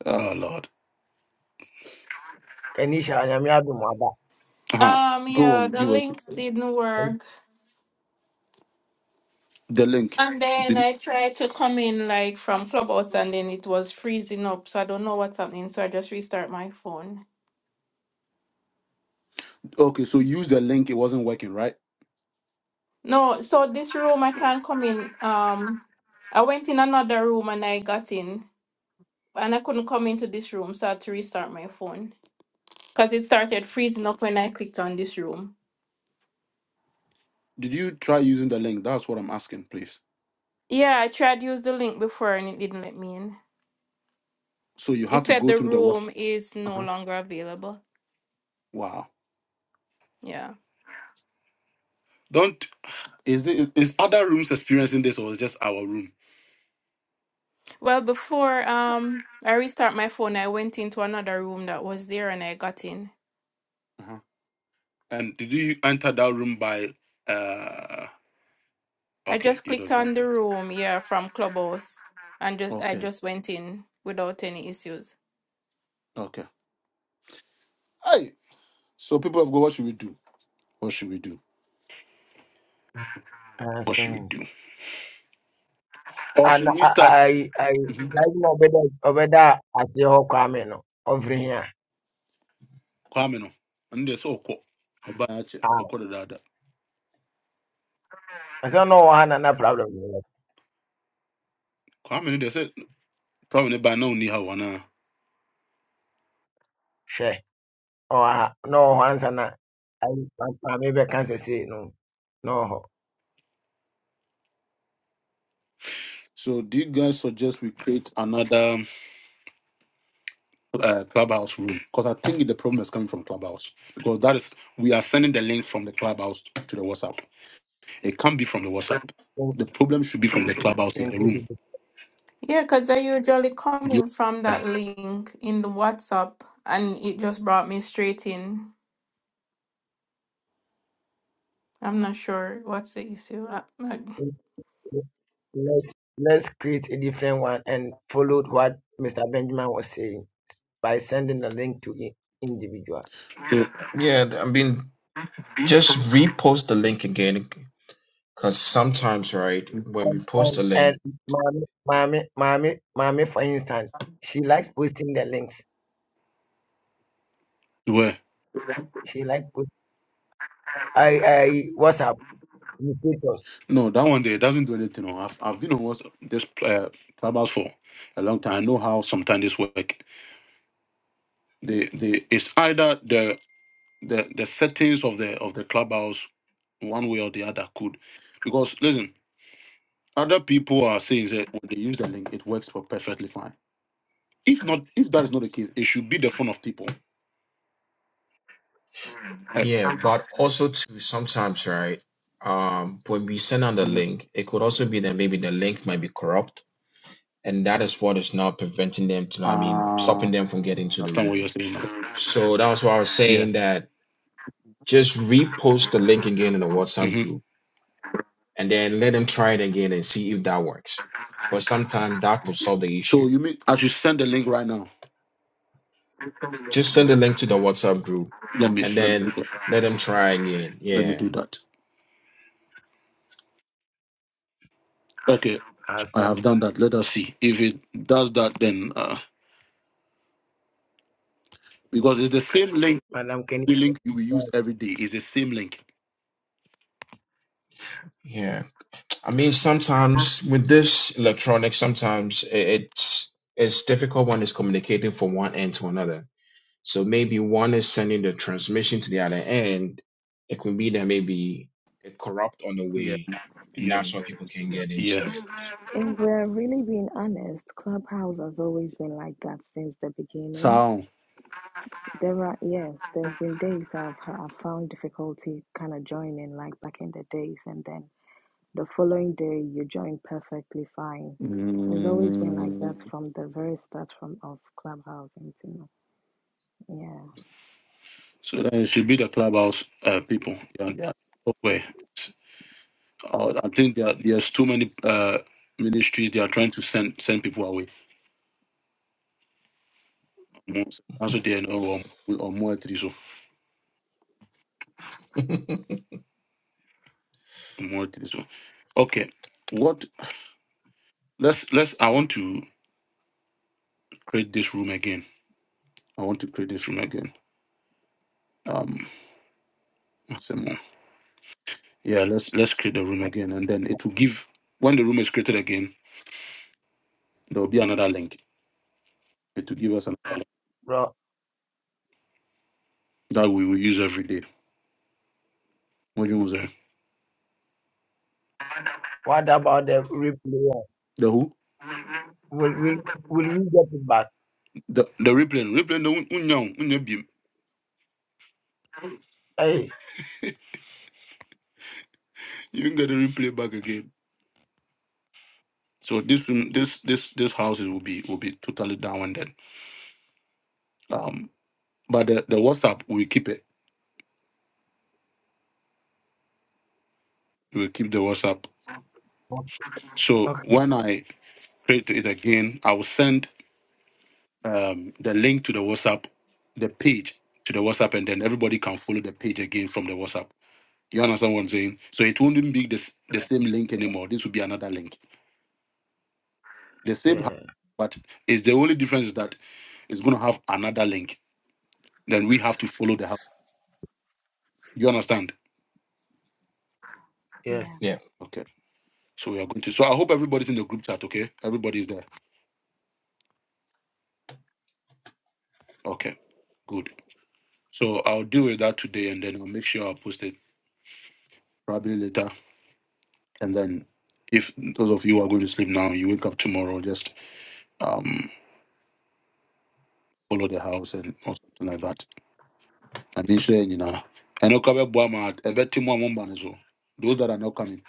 uh Oh Lord.
Kenisha onyame adom aba
uh
Um yeah, the
give us
link didn't work.
the link.
And then
Did
I tried to come in like from Clubhouse and then it was freezing up, so I don't know what's happening, so I just restart my phone.
okay, so use the link, it wasn't working, right?
No, so this room I can't come in. Um, I went in another room and I got in, and I couldn't come into this room, so I had to restart my phone because it started freezing up when I clicked on this room.
Did you try using the link? That's what I'm asking, please.
Yeah, I tried to use the link before and it didn't let me in.
So you
It
had to
said
go
the
through the worst.
room is no
Uh-huh.
longer available.
Wow.
Yeah.
Don't Is it is other rooms experiencing this or is just our room?
Well, before um I restart my phone, I went into another room that was there and I got in.
And did you enter that room by uh
I
okay,
just
you
clicked
don't know.
on the room, yeah, from Clubhouse, and just I
Okay,
just went in without any issues.
okay. Hey. So people of God, what should we do? What should we do? What
asɛm
should we do? Or
ana
should we start
ayi ayi
Mhm.
daabi na ɔbɛda ɔbɛda aseɛ hɔ kwame no ɔmfiri hia
Kwame no? And they say Oko. Obayache,
aa
Oko the dada.
ɔsɛ na ɔwɔ ha na na problem ni.
Kwame no, they say probably by now ni hawana.
She. Oh no yɛ hwɛ ɔwɔ ha na ɔwɔ hɔ ansa na ayi maame bɛka sɛ sei no na ɔwɔ
So do you guys suggest we create another uh, clubhouse room? Because I think the problem is coming from clubhouse. Because that is we are sending the link from the clubhouse to the WhatsApp. It can't be from the WhatsApp. The problem should be from the clubhouse here, the room.
hɔ
Yeah, because I usually
Do
come
you
in from
understand?
that link in the WhatsApp and it just brought me straight in. I'm not sure what's the issue. I, I...
let's let's create a different one and followed what Mr. Benjamin was saying by sending the link to i- individual.
so,
Yeah, I mean, just repost the link again because sometimes, right, when we
And
post
and,
a
and
link,
mommy, mommy, mommy, mommy, for instance, she likes posting the links.
where?
She likes post. I I WhatsApp you photos
No, that one there it doesn't do anything. No. I've, I've been on WhatsApp, this uh, clubhouse for a long time. I know how sometimes this work. They, they, it's either the, the the settings of the of the clubhouse, one way or the other could, because listen, other people are saying that when they use the link, it works for perfectly fine. If not, if that is not the case, it should be the phone of people. I
Yeah, but also too sometimes, right? Um, when we send out the link, it could also be that maybe the link might be corrupt, and that is what is now preventing them to, I mean, stopping them from getting to the
understand what you're
room.
saying. Now.
So that's why I was
Yeah.
saying that just repost the link again in the WhatsApp
Mm-hmm.
group, and then let them try it again and see if that works. Because sometimes that could solve the
So
issue.
you mean I should send the link right now?
Just send the link to the WhatsApp group,
Let me
and
let me do
then
that.
let them try again.
Let me
Yeah,
do that. Okay,
as
I
um,
have done that. Let us see if it does that. Then uh, because it's the same link,
Madam Kenny.
the link you will
said,
use every day is the same link.
yeah. I mean, sometimes with this electronics, sometimes i- it's it's difficult when it's communicating from one end to another. So maybe one is sending the transmission to the other end. It could be that maybe it corrupt on the
Yeah,
way, and
yeah,
that's why people can get into
yeah.
it.
If we're really being honest, Clubhouse has always been like that since the beginning.
So
There are, yes, there's been days I've, I've found difficulty kind of joining, like back in the days, and then the following day you join perfectly fine. It's always been like that
mm,
from the very start from of Clubhouse until now.
so then it should be the clubhouse uh, people. Yeah, yeah. Okay. Uh, I think there there's too many uh, ministries. They are trying to send send people away. Mm. Also, they know no or more three so. more to this one. Okay. What let's let's I want to create this room again. I want to create this room again. Um what's the more? yeah, let's let's create the room again and then it will give when the room is created again, there will be another link. It will give us another link
Bro,
that we will use every day. What do you want to say?
what about the replay?
The who?
Will will will we get it back?
The the replay. Replay no unyang, unyabim.
Hey,
You can get the replay back again. So this room this this this house will be will be totally down and then. Um but the, the WhatsApp we keep it. We will keep the WhatsApp So
okay,
when I create it again, I will send um, the link to the WhatsApp, the page to the WhatsApp, and then everybody can follow the page again from the WhatsApp. You understand what I'm saying? So it wouldn't be this, the same link anymore. This will be another link. The same, ha-
yeah,
but it's the only difference is that it's going to have another link. Then we have to follow the house. You understand?
Yeah.
yes.
yeah.
Okay. So we are going to. So I hope everybody's in the group chat. Okay, everybody's there. Okay, good. So I'll deal with that today, and then I'll make sure I'll post it probably later And then, if those of you are going to sleep now, you wake up tomorrow, just um, follow the house and or something like that. I mean, saying, you know, I know Kabe Buama, I bet Timo Mumban so. Those that are not coming,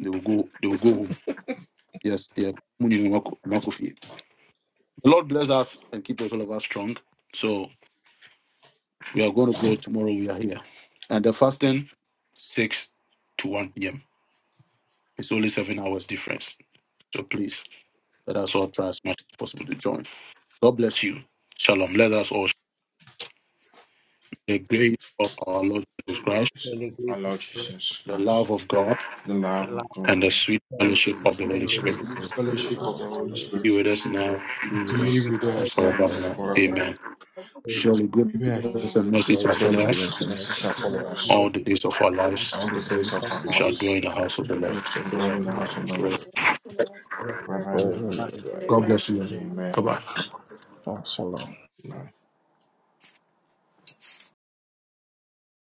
they will go, they will go home. Yes, yeah. Muni Nwako- Nwakofi. The Lord bless us and keep all of us strong. So we are going to go tomorrow. We are here. And the fasting, 6 to 1 p.m. It's only seven hours difference. So please. Let us all try as much as possible to join. God bless you. Shalom. Let us all share the grace of our Lord Jesus Christ,
So,
Will they
our Lord Jesus
the
Christ,
love of God,
the
The
love
last
of
and
God,
the sweet
one.
fellowship of the Holy
and the
and
Spirit
It's
chief
the fellowship
about
of
politics
the
all
Holy
and
Spirit
be with
sinners
us now
be
be
be with
and
respect
us now and
forevermore.
for
forevermore.
Amen.
forever.
the
Surely
Amen.
goodness and mercy shall follow
Surely
giving
us
the message
connection
shall
to
follow
legal
us
us
all the days of our
measures as
lives.
all
all
the
the days
days of
of our
our
We shall
constituted
lives,
dwell
lives.
by
in the house of
the
the Lord.
And so,
and we dwell in the
Lord,
Constitution
house
Amen.
of the
Forever.
Lord
of
forever
for
and
the
ever.
women,
United
God, my
Bye
Amen.
bye.
Father.
Amen.